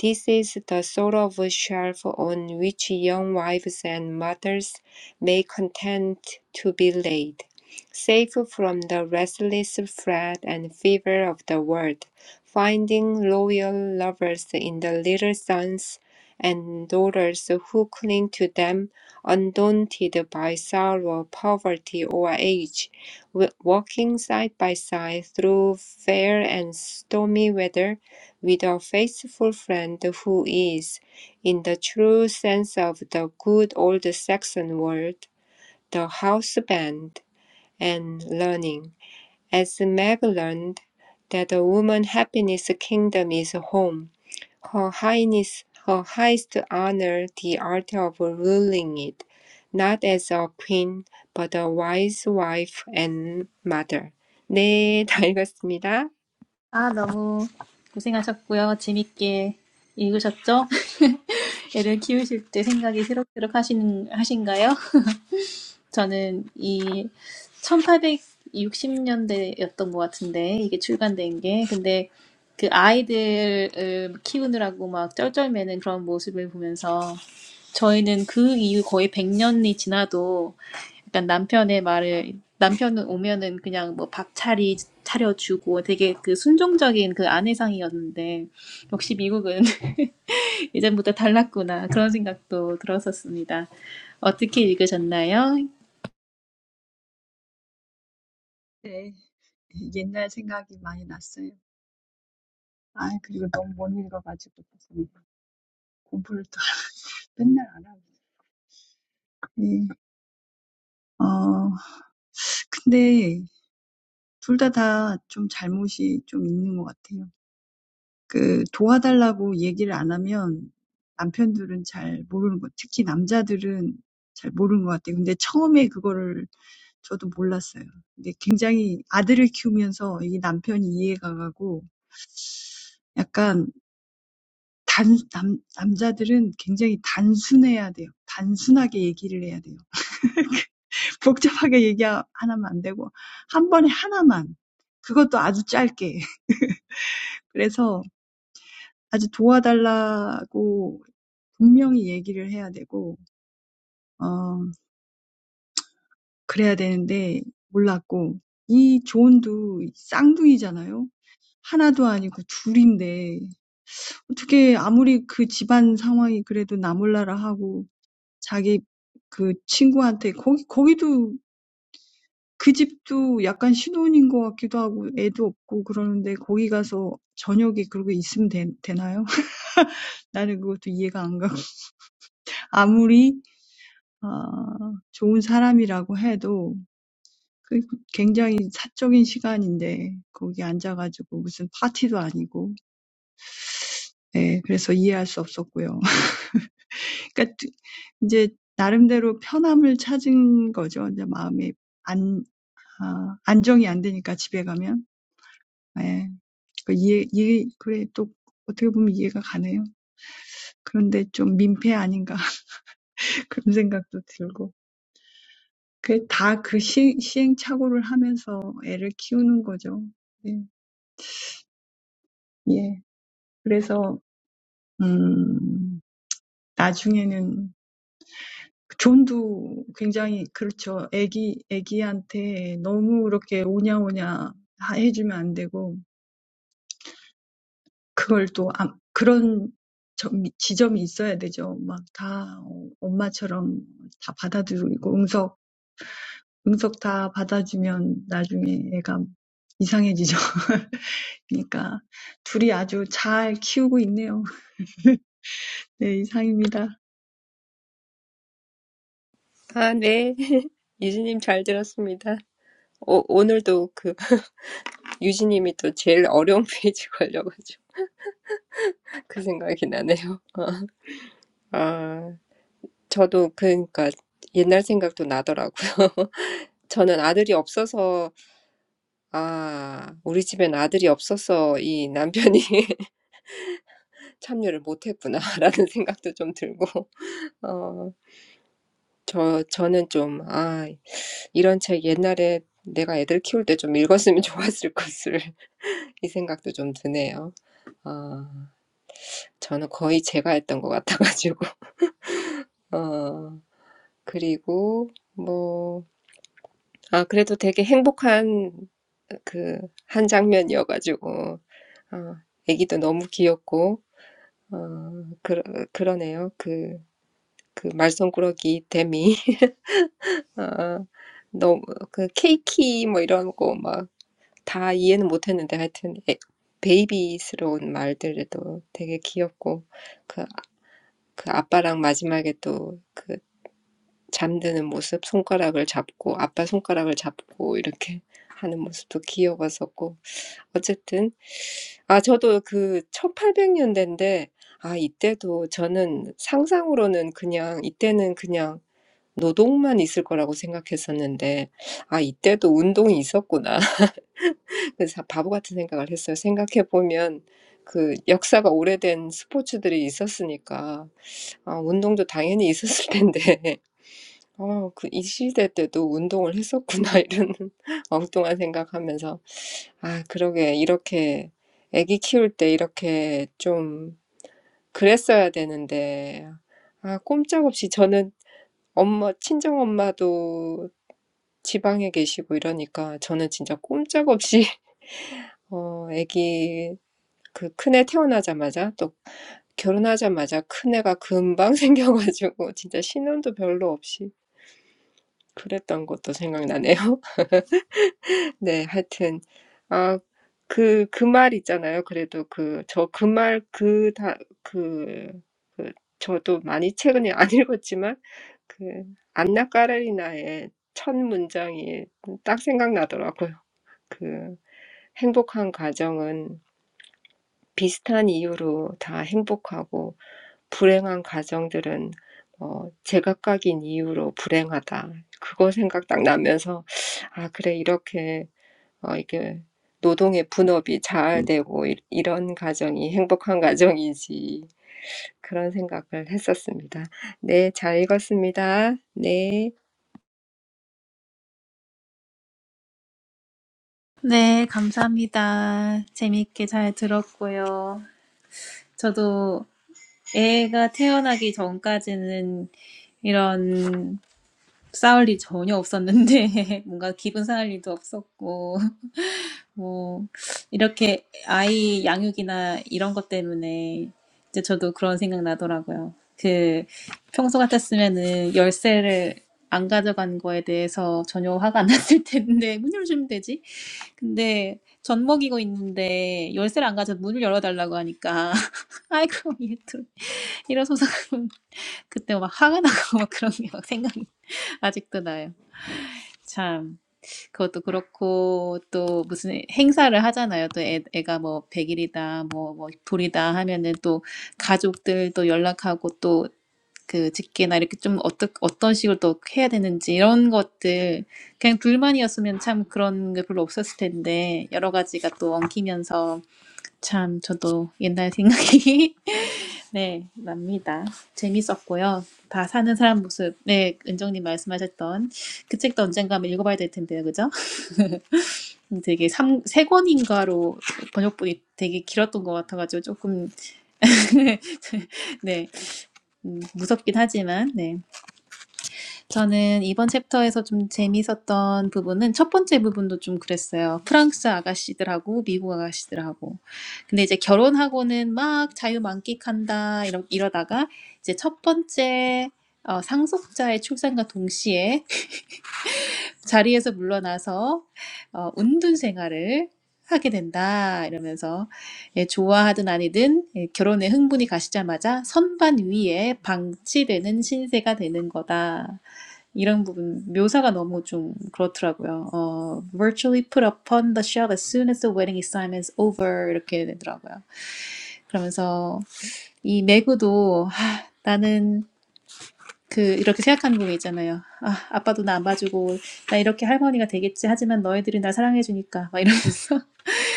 C: This is the sort of shelf on which young wives and mothers may content to be laid, safe from the restless fret and fever of the world, finding loyal lovers in the little sons and daughters who cling to them, undaunted by sorrow, poverty, or age, w- walking side by side through fair and stormy weather with a faithful friend who is, in the true sense of the good old Saxon word, the houseband, and learning, as Meg learned, that a woman happiness kingdom is home, her highness, her highest honor, the art of ruling it, not as a queen, but a wise wife and mother. 네, 다 읽었습니다.
B: 고생하셨고요. 재밌게 읽으셨죠? 애를 키우실 때 생각이 새록새록 하시는, 하신가요? 저는 이 1860년대였던 것 같은데 이게 출간된 게 근데 그 아이들을 키우느라고 막 쩔쩔매는 그런 모습을 보면서 저희는 그 이후 거의 100년이 지나도 약간 남편의 말을 남편은 오면은 그냥 뭐 밥차리 차려주고 되게 그 순종적인 그 아내상이었는데 역시 미국은 예전보다 달랐구나 그런 생각도 들었었습니다. 어떻게 읽으셨나요?
A: 네. 옛날 생각이 많이 났어요. 아, 그리고 너무 못 읽어가지고 그래서 공부를 또 맨날 안 하고. 네. 어, 근데 둘 다 다 좀 잘못이 좀 있는 것 같아요. 그 도와달라고 얘기를 안 하면 남편들은 잘 모르는 것, 특히 남자들은 잘 모르는 것 같아요. 근데 처음에 그거를 저도 몰랐어요. 근데 굉장히 아들을 키우면서 이 남편이 이해가 가고 약간 단, 남, 남자들은 굉장히 단순해야 돼요. 단순하게 얘기를 해야 돼요. 복잡하게 얘기하면 안 되고, 한 번에 하나만. 그것도 아주 짧게. 그래서 아주 도와달라고 분명히 얘기를 해야 되고, 어, 그래야 되는데 몰랐고, 이 존도 쌍둥이잖아요. 하나도 아니고 둘인데, 어떻게 아무리 그 집안 상황이 그래도 나몰라라 하고, 자기 그 친구한테 거기 거기도 그 집도 약간 신혼인 것 같기도 하고 애도 없고 그러는데 거기 가서 저녁에 그러고 있으면 되, 되나요? 나는 그것도 이해가 안 가고 아무리 아, 좋은 사람이라고 해도 그 굉장히 사적인 시간인데 거기 앉아가지고 무슨 파티도 아니고 예, 그래서 이해할 수 없었고요. 그러니까 이제 나름대로 편함을 찾은 거죠. 이제 마음에 안, 아, 안정이 안 되니까 집에 가면. 예. Yeah. 그걸 또암 그런 점 지점이 있어야 되죠. 막다 어, 엄마처럼 다 받아들이고 응석 응석 다 받아주면 나중에 애가 이상해지죠. 그러니까 둘이 아주 잘 키우고 있네요. 네, 이상입니다.
C: 아, 네. 유진님 잘 들었습니다. 오, 오늘도 그 유진님이 또 제일 어려운 페이지 걸려가지고 그 생각이 나네요. 아, 저도 그러니까 옛날 생각도 나더라고요. 저는 아들이 없어서 아, 우리 집엔 아들이 없어서 이 남편이 참여를 못했구나라는 생각도 좀 들고 어, 저 저는 좀 아, 이런 책 옛날에 내가 애들 키울 때좀 읽었으면 좋았을 것을 이 생각도 좀 드네요. 아, 저는 거의 제가 했던 것 같아가지고. 어, 그리고 뭐, 아, 그래도 되게 행복한 그 한 장면이어가지고, 어, 애기도 너무 귀엽고, 어, 그, 그러네요. 그, 그 말썽꾸러기 데미. 아, 너무, 그 케이키 뭐 이런 거 막 다 이해는 못했는데 하여튼 애, 베이비스러운 말들도 되게 귀엽고, 그, 그 아빠랑 마지막에 또그 잠드는 모습, 손가락을 잡고 아빠 손가락을 잡고 이렇게 하는 모습도 귀여웠었고 어쨌든 아 저도 그 천팔백 년대인데 아 이때도 저는 상상으로는 그냥 이때는 그냥 노동만 있을 거라고 생각했었는데 아 이때도 운동이 있었구나 그래서 바보 같은 생각을 했어요 생각해 보면 그 역사가 오래된 스포츠들이 있었으니까 아 운동도 당연히 있었을 텐데 어, 그, 이 시대 때도 운동을 했었구나, 이런 엉뚱한 생각하면서. 아, 그러게, 이렇게, 아기 키울 때 이렇게 좀 그랬어야 되는데. 아, 꼼짝없이 저는 엄마, 친정엄마도 지방에 계시고 이러니까 저는 진짜 꼼짝없이, 어, 아기, 그 큰애 태어나자마자 또 결혼하자마자 큰애가 금방 생겨가지고 진짜 신혼도 별로 없이 그랬던 것도 생각나네요. 네, 하여튼 아, 그, 그 말 있잖아요. 그래도 그, 저 그 말, 그, 다, 그, 그, 저도 많이 최근에 안 읽었지만, 그, 안나 까레리나의 첫 문장이 딱 생각나더라고요. 그, 행복한 가정은 비슷한 이유로 다 행복하고, 불행한 가정들은, 어, 제각각인 이유로 불행하다. 그거 생각 딱 나면서, 아, 그래, 이렇게 어, 이게 노동의 분업이 자아되고 이, 이런 가정이 행복한 가정이지. 그런 생각을 했었습니다. 네, 잘 읽었습니다. 네.
B: 네, 감사합니다. 재밌게 잘 들었고요. 저도 애가 태어나기 전까지는 이런 싸울 일이 전혀 없었는데, 뭔가 기분 상할 일도 없었고, 뭐, 이렇게 아이 양육이나 이런 것 때문에 이제 저도 그런 생각 나더라고요. 그, 평소 같았으면은 열쇠를 안 가져간 거에 대해서 전혀 화가 안 났을 텐데, 문 열어주면 되지? 근데 젖먹이고 있는데 열쇠를 안 가져서 문을 열어달라고 하니까 아이고 얘또 일어서서 그러면 그때 막 화가 나고 막 그런 게 막 생각이 아직도 나요. 참 그것도 그렇고 또 무슨 행사를 하잖아요. 또 애, 애가 뭐 100일이다 뭐, 뭐 돌이다 하면은 또 가족들 또 연락하고 또 그 직계나 이렇게 좀 어떠, 어떤 식으로 또 해야 되는지 이런 것들 그냥 둘만이었으면 참 그런 게 별로 없었을 텐데 여러 가지가 또 엉키면서 참 저도 옛날 생각이 네 납니다. 재밌었고요. 다 사는 사람 모습 네 은정님 말씀하셨던 그 책도 언젠가 한번 읽어봐야 될 텐데요, 그죠? 되게 삼, 세 권인가로 번역본이 되게 길었던 것 같아가지고 조금 네 음, 무섭긴 하지만 네 저는 이번 챕터에서 좀 재미있었던 부분은 첫 번째 부분도 좀 그랬어요. 프랑스 아가씨들하고 미국 아가씨들하고. 근데 이제 결혼하고는 막 자유 만끽한다 이러, 이러다가 이제 첫 번째 어, 상속자의 출산과 동시에 자리에서 물러나서 어, 운둔 생활을 하게 된다 이러면서 예, 좋아하든 아니든 예, 결혼에 흥분이 가시자마자 선반 위에 방치되는 신세가 되는 거다. 이런 부분 묘사가 너무 좀 그렇더라고요. 어, virtually put upon the shelf as soon as the wedding assignment is over 이렇게 되더라고요. 그러면서 이 매구도 하, 나는 그 이렇게 생각하는 부 부분 있잖아요. 아, 아빠도 나 안 봐주고 나 이렇게 할머니가 되겠지. 하지만 너희들이 나 사랑해 주니까 막 이러면서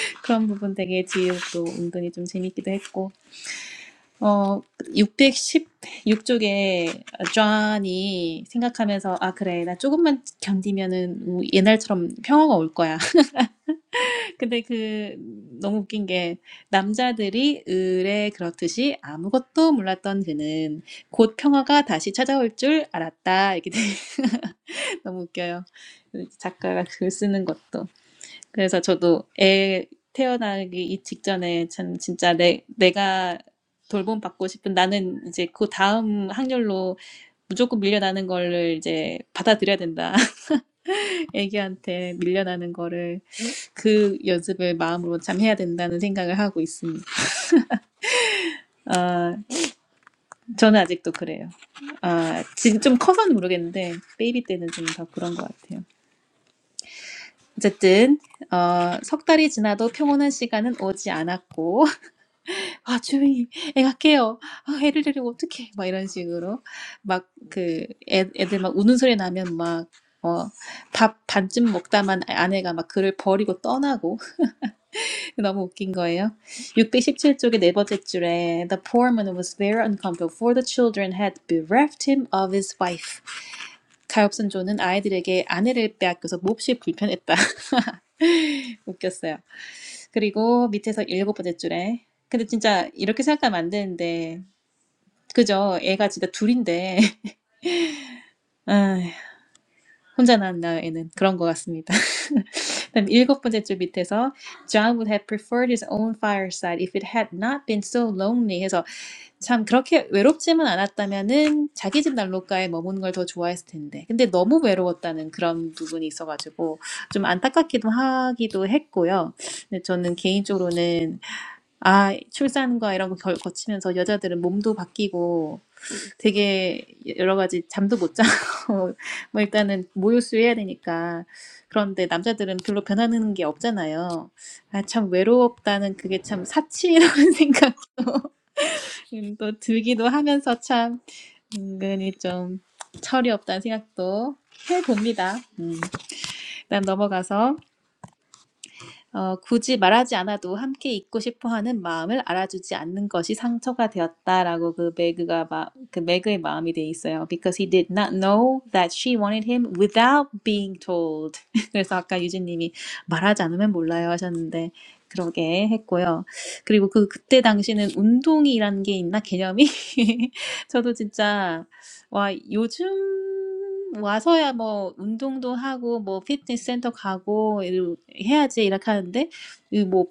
B: 그런 부분 되게 지우도 은근히 좀 재밌기도 했고. 어, 616쪽에 존이 생각하면서 아 그래 나 조금만 견디면은 뭐 옛날처럼 평화가 올 거야. 근데 그 너무 웃긴 게 남자들이 을에 그렇듯이 아무것도 몰랐던 그는 곧 평화가 다시 찾아올 줄 알았다. 이렇게 돼 너무 웃겨요. 그 작가가 글 쓰는 것도. 그래서 저도 애 태어나기 직전에 참 진짜 내, 내가 돌봄 받고 싶은 나는 이제 그 다음 확률로 무조건 밀려나는 거를 이제 받아들여야 된다. 애기한테 밀려나는 거를 그 연습을 마음으로 참 해야 된다는 생각을 하고 있습니다. 아, 저는 아직도 그래요. 아, 지금 좀 커서는 모르겠는데 베이비 때는 좀 더 그런 것 같아요. 어쨌든 어, 석 달이 지나도 평온한 시간은 오지 않았고 아 주인님 애가 깨요 아, 애를 데리고 어떡해 막 이런 식으로 막 그 애들 막 우는 소리 나면 막어밥 반쯤 먹다만 아내가 막 그를 버리고 떠나고 너무 웃긴 거예요. 617쪽의 네 번째 줄에 The poor man was very uncomfortable for the children had bereft him of his wife 가엾은 존은 아이들에게 아내를 빼앗겨서 몹시 불편했다. 웃겼어요. 그리고 밑에서 일곱 번째 줄에 근데 진짜 이렇게 생각하면 안 되는데 그죠? 애가 진짜 둘인데 아 혼자 낳았나 애는 그런 것 같습니다. 그다음 일곱 번째 줄 밑에서 John would have preferred his own fireside if it had not been so lonely. 해서 참 그렇게 외롭지만 않았다면은 자기 집 난로가에 머무는 걸 더 좋아했을 텐데. 근데 너무 외로웠다는 그런 부분이 있어가지고 좀 안타깝기도 하기도 했고요. 근데 저는 개인적으로는 아, 출산과 이런 거 겨- 거치면서 여자들은 몸도 바뀌고 되게 여러 가지 잠도 못 자고 뭐 일단은 모유수 해야 되니까 그런데 남자들은 별로 변하는 게 없잖아요. 아, 참 외롭다는 그게 참 사치라는 생각 음, 또 들기도 하면서 참 은근히 좀 철이 없다는 생각도 해봅니다. 음, 일단 넘어가서 어, 굳이 말하지 않아도 함께 있고 싶어 하는 마음을 알아주지 않는 것이 상처가 되었다라고 그 매그가 마, 그 매그의 마음이 돼 있어요. Because he did not know that she wanted him without being told. 그래서 아까 유진님이 말하지 않으면 몰라요 하셨는데 그러게 했고요. 그리고 그 그때 당시는 운동이라는 게 있나 개념이 저도 진짜 와, 요즘 와서야 뭐 운동도 하고 뭐 피트니스 센터 가고 이러- 해야지 이렇게 하는데 이뭐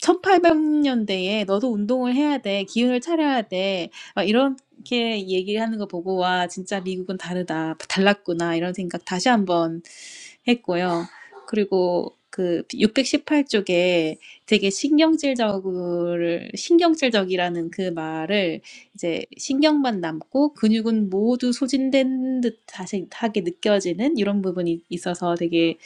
B: 1800년대에 너도 운동을 해야 돼. 기운을 차려야 돼. 막 이렇게 얘기를 하는 거 보고 와, 진짜 미국은 다르다. 달랐구나. 이런 생각 다시 한번 했고요. 그리고 그 618쪽에 되게 신경질적을 신경질적이라는 그 말을 이제 신경만 남고 근육은 모두 소진된 듯하게 느껴지는 이런 부분이 있어서 되게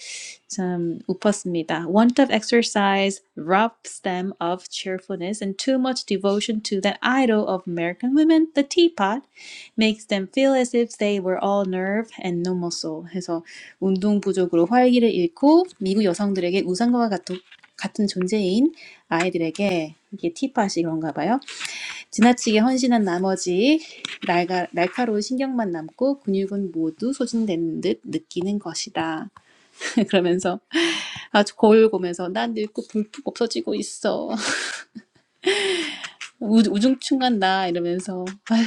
B: 참 웃었습니다. Want of exercise robs them of cheerfulness, and too much devotion to that idol of American women, the teapot, makes them feel as if they were all nerve and no muscle. 해서 운동 부족으로 활기를 잃고 미국 여성들에게 우상과 같은 같은 존재인 아이들에게 이게 티팟이 그런가 봐요. 지나치게 헌신한 나머지 날가, 날카로운 신경만 남고 근육은 모두 소진되는 듯 느끼는 것이다. 그러면서 아주 거울 보면서 난 늙고 불뚝 없어지고 있어. 우, 우중충한 나 이러면서 아휴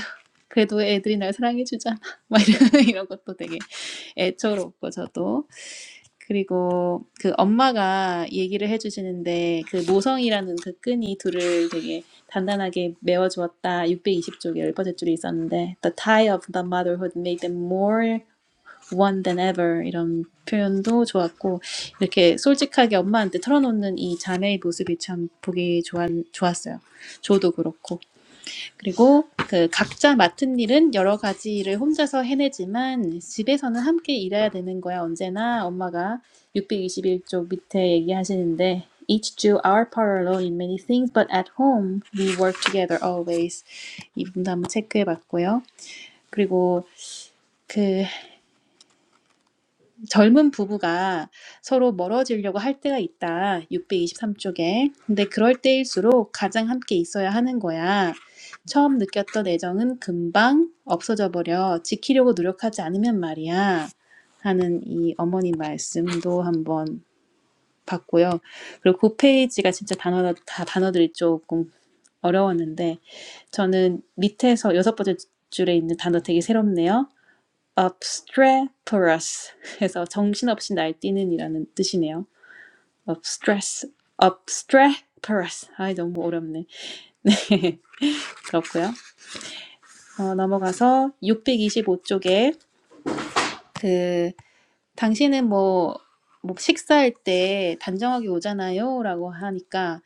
B: 그래도 애들이 날 사랑해주잖아. 막 이런, 이런 것도 되게 애처롭고 저도 그리고 그 엄마가 얘기를 해주시는데 그 모성이라는 그 끈이 둘을 되게 단단하게 메워주었다. 620쪽에 열0번째 줄이 있었는데 The tie of the motherhood made them more one than ever 이런 표현도 좋았고 이렇게 솔직하게 엄마한테 털어놓는 이 자매의 모습이 참 보기 좋았, 좋았어요. 저도 그렇고 그리고 그 각자 맡은 일은 여러 가지를 혼자서 해내지만 집에서는 함께 일해야 되는 거야. 언제나 엄마가 6 2 1쪽 밑에 얘기하시는데 Each do our part alone in many things, but at home we work together always. 이 부분도 한번 체크해 봤고요. 그리고 그 젊은 부부가 서로 멀어지려고 할 때가 있다. 623쪽에. 근데 그럴 때일수록 가장 함께 있어야 하는 거야. 처음 느꼈던 애정은 금방 없어져 버려. 지키려고 노력하지 않으면 말이야. 하는 이 어머니 말씀도 한번 봤고요. 그리고 그 페이지가 진짜 단어, 다 단어들이 조금 어려웠는데, 저는 밑에서 여섯 번째 줄에 있는 단어 되게 새롭네요. obstreperous 해서 정신없이 날뛰는 이라는 뜻이네요. obstress, obstreperous. 아이, 너무 어렵네. 네, 그렇고요. 어, 넘어가서 625쪽에 그 당신은 뭐, 뭐 식사할 때 단정하게 오잖아요 라고 하니까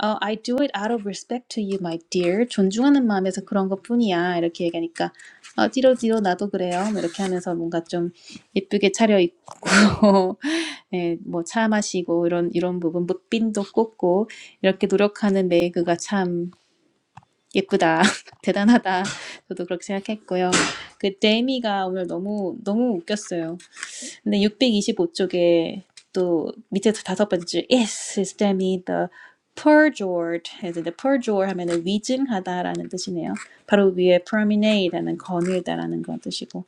B: 어, I do it out of respect to you, my dear. 존중하는 마음에서 그런 것뿐이야. 이렇게 얘기하니까 어, 찌로찌로 나도 그래요. 뭐 이렇게 하면서 뭔가 좀 예쁘게 차려입고 예, 뭐차 마시고 이런 이런 부분 무빈도 꽂고 이렇게 노력하는 메이그가 참 예쁘다. 대단하다. 저도 그렇게 생각했고요. 그 데미가 오늘 너무 너무 웃겼어요. 근데 625쪽에 또 밑에서 다섯 번째 줄 yes is demi the perjured 해서 h e perjure 하면은 위증하다라는 뜻이네요. 바로 위에 promenade라는 거닐다라는 그런 뜻이고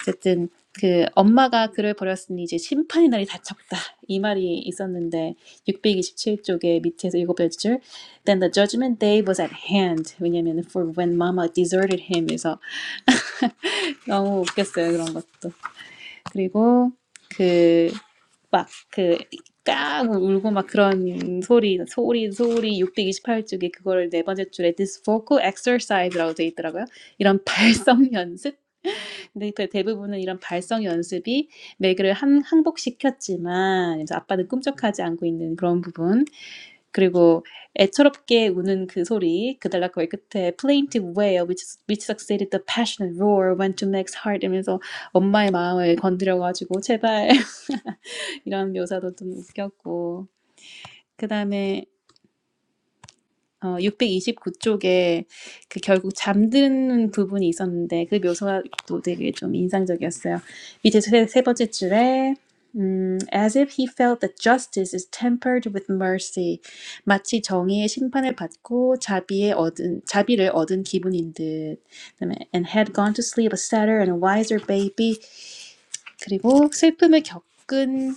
B: 어쨌든 그 엄마가 그를 버렸으니 이제 심판의 날이 닥쳤다 이 말이 있었는데 627쪽에 밑에서 일곱 번째 줄 then the judgment day was at hand 왜냐면 for when mama deserted him 래서 너무 웃겼어요 그런 것도 그리고 그 막 그 까고 울고 막 그런 소리 소리 소리 628쪽에 그거를 네 번째 줄에 this vocal exercise라고 돼 있더라고요. 이런 발성 연습. 근데 그 대부분은 이런 발성 연습이 맥을 한 항복시켰지만 이제 아빠는 꿈쩍하지 않고 있는 그런 부분. 그리고 애처롭게 우는 그 소리 그달락 거의 끝에 plaintive wail which, which succeeded the passionate roar went to Meg's heart 이러면서 엄마의 마음을 건드려가지고 제발 이런 묘사도 좀 웃겼고 그 다음에 어 629쪽에 그 결국 잠드는 부분이 있었는데 그 묘사도 되게 좀 인상적이었어요. 밑에 세, 세 번째 줄에 음, as if he felt that justice is tempered with mercy. 마치 정의의 심판을 받고 자비에 얻은 자비를 얻은 기분인 듯. 그다음에 and had gone to sleep a sadder and a wiser baby. 그리고 슬픔을 겪은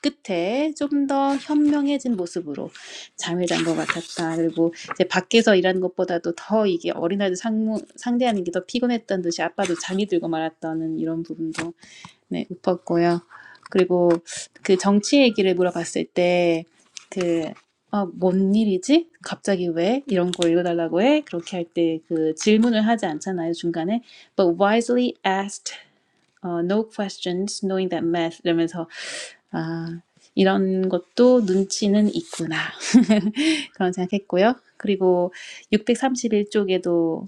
B: 끝에 좀 더 현명해진 모습으로 잠을 잔 것 같았다. 그리고 이제 밖에서 일하는 것보다도 더 이게 어린아이들 상무, 상대하는 게 더 피곤했던 듯이 아빠도 잠이 들고 말았다는 이런 부분도 네, 읊었고요. 그리고 그 정치 얘기를 물어봤을 때, 그, 아, 뭔 일이지? 갑자기 왜? 이런 거 읽어달라고 해? 그렇게 할 때 그 질문을 하지 않잖아요, 중간에. But wisely asked, uh, no questions, knowing that math 이러면서 아, 이런 것도 눈치는 있구나. 그런 생각했고요. 그리고 631쪽에도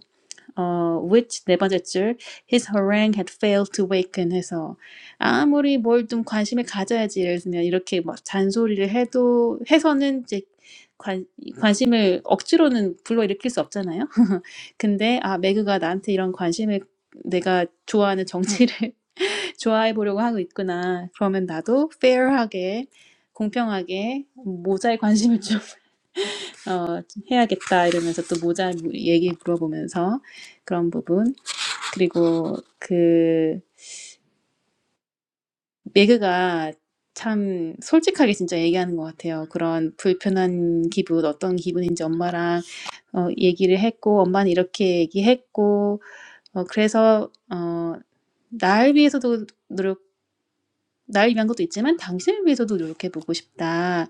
B: 어, which 네 번째 줄 his harangue had failed to waken 해서 아무리 뭘 좀 관심을 가져야지 예를 들면 이렇게 막 잔소리를 해도 해서는 이제 관, 관심을 억지로는 불러일으킬 수 없잖아요. 근데 아 매그가 나한테 이런 관심을 내가 좋아하는 정치를 좋아해 보려고 하고 있구나. 그러면 나도 페어하게 공평하게 모자에 관심을 좀 어, 해야겠다 이러면서 또 모자 얘기 물어보면서 그런 부분 그리고 그 매그가 참 솔직하게 진짜 얘기하는 것 같아요. 그런 불편한 기분 어떤 기분인지 엄마랑 어, 얘기를 했고 엄마는 이렇게 얘기했고 어, 그래서 어, 나를 위해서도 나를 위한 것도 있지만 당신을 위해서도 노력해보고 싶다.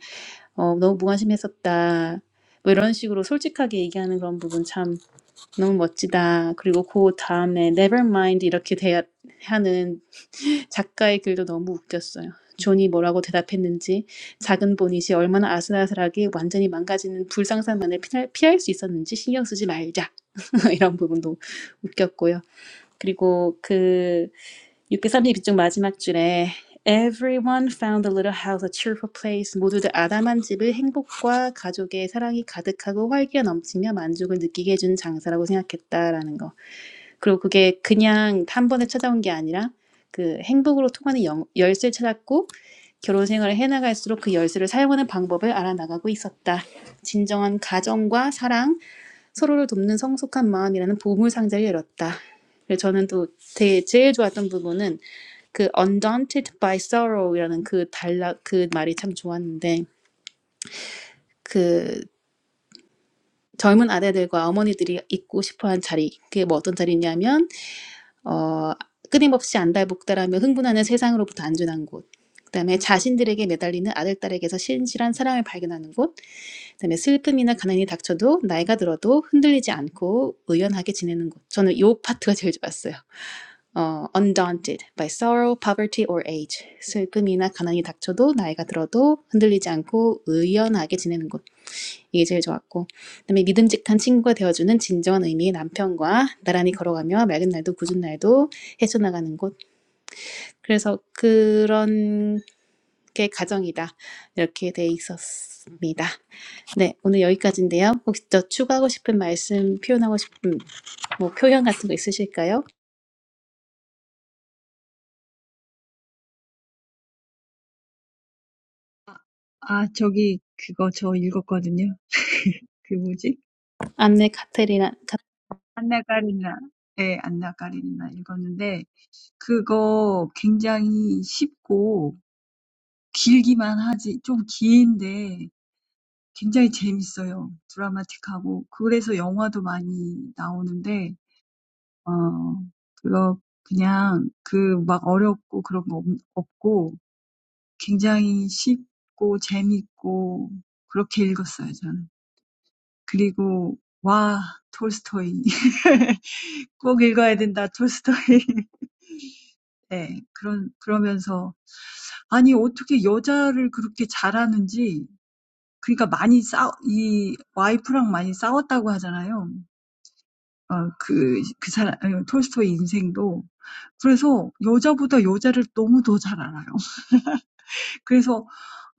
B: 어, 너무 무관심했었다. 뭐 이런 식으로 솔직하게 얘기하는 그런 부분 참 너무 멋지다. 그리고 그 다음에 never mind 이렇게 대하는 작가의 글도 너무 웃겼어요. 존이 뭐라고 대답했는지 작은 보닛이 얼마나 아슬아슬하게 완전히 망가지는 불상사만을 피할, 피할 수 있었는지 신경 쓰지 말자 이런 부분도 웃겼고요. 그리고 그 632쪽 마지막 줄에 Everyone found the little house a cheerful place. 모두들 아담한 집을 행복과 가족의 사랑이 가득하고 활기가 넘치며 만족을 느끼게 해준 장사라고 생각했다라는 거. 그리고 그게 그냥 한 번에 찾아온 게 아니라 그 행복으로 통하는 영, 열쇠를 찾았고 결혼 생활을 해나갈수록 그 열쇠를 사용하는 방법을 알아나가고 있었다. 진정한 가정과 사랑, 서로를 돕는 성숙한 마음이라는 보물 상자를 열었다. 그래서 저는 또 제, 제일 좋았던 부분은 그 undaunted by sorrow이라는 그 달라 그 말이 참 좋았는데 그 젊은 아내들과 어머니들이 있고 싶어한 자리 그게 뭐 어떤 자리냐면 어, 끊임없이 안달복달하며 흥분하는 세상으로부터 안전한 곳. 그다음에 자신들에게 매달리는 아들 딸에게서 신실한 사랑을 발견하는 곳. 그다음에 슬픔이나 가난이 닥쳐도 나이가 들어도 흔들리지 않고 의연하게 지내는 곳. 저는 이 파트가 제일 좋았어요. 어, undaunted by sorrow, poverty or age. 슬픔이나 가난이 닥쳐도 나이가 들어도 흔들리지 않고 의연하게 지내는 곳. 이게 제일 좋았고 그다음에 믿음직한 친구가 되어주는 진정한 의미의 남편과 나란히 걸어가며 맑은 날도 굳은 날도 헤쳐나가는 곳 그래서 그런 게 가정이다 이렇게 돼 있었습니다. 네 오늘 여기까지인데요. 혹시 더 추가하고 싶은 말씀 표현하고 싶은 뭐 표현 같은 거 있으실까요?
A: 아, 아, 저기 그거 저 읽었거든요. 그 뭐지?
B: 안내 카테리나 카-
A: 안나 까리나. 네, 안나 까리나 읽었는데 그거 굉장히 쉽고 길기만 하지 좀 긴데 굉장히 재밌어요. 드라마틱하고. 그래서 영화도 많이 나오는데 어 그거 그냥 그막 어렵고 그런 거 없고 굉장히 쉽고 재밌고 그렇게 읽었어요, 저는. 그리고 와, 톨스토이. 꼭 읽어야 된다, 톨스토이. 네, 그런, 그러면서, 아니, 어떻게 여자를 그렇게 잘하는지, 그러니까 많이 싸, 이 와이프랑 많이 싸웠다고 하잖아요. 어그그 사람 톨스토이 인생도 그래서 여자보다 여자를 너무 더잘 알아요. 그래서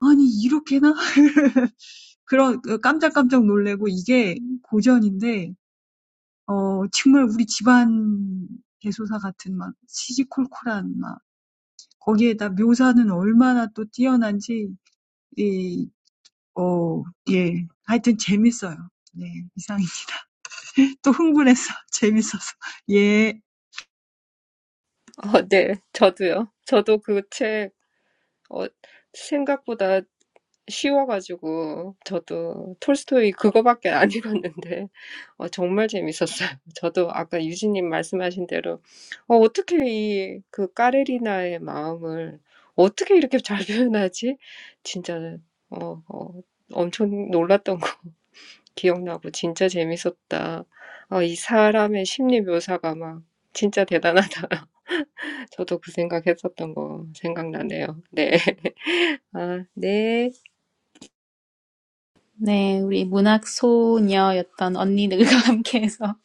A: '아니 이렇게나?' 그런 깜짝깜짝 놀래고 이게 고전인데 어 정말 우리 집안 대소사 같은 막 시시콜콜한 막 거기에다 묘사는 얼마나 또 뛰어난지 이 어 예. 하여튼 재밌어요. 네. 이상입니다. 또 흥분해서 재밌어서. 예.
C: 어, 네. 저도요. 저도 그 책, 어, 생각보다 쉬워가지고 저도 톨스토이 그거밖에 안 읽었는데 어, 정말 재밌었어요. 저도 아까 유진님 말씀하신 대로 어, 어떻게 이그 까레리나의 마음을 어떻게 이렇게 잘 표현하지? 진짜 어, 어, 엄청 놀랐던 거 기억나고 진짜 재밌었다. 어, 이 사람의 심리 묘사가 막 진짜 대단하다. 저도 그 생각했었던 거 생각나네요. 네. 아, 네.
B: 네 우리 문학 소녀였던 언니 들과 함께해서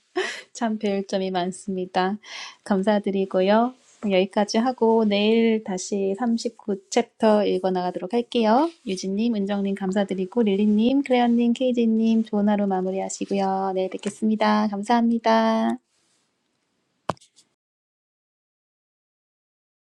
B: 참 배울 점이 많습니다. 감사드리고요. 여기까지 하고 내일 다시 39챕터 읽어나가도록 할게요. 유진님, 은정님 감사드리고 릴리님, 클레어님, 케이지님 좋은 하루 마무리하시고요. 내일 뵙겠습니다. 감사합니다.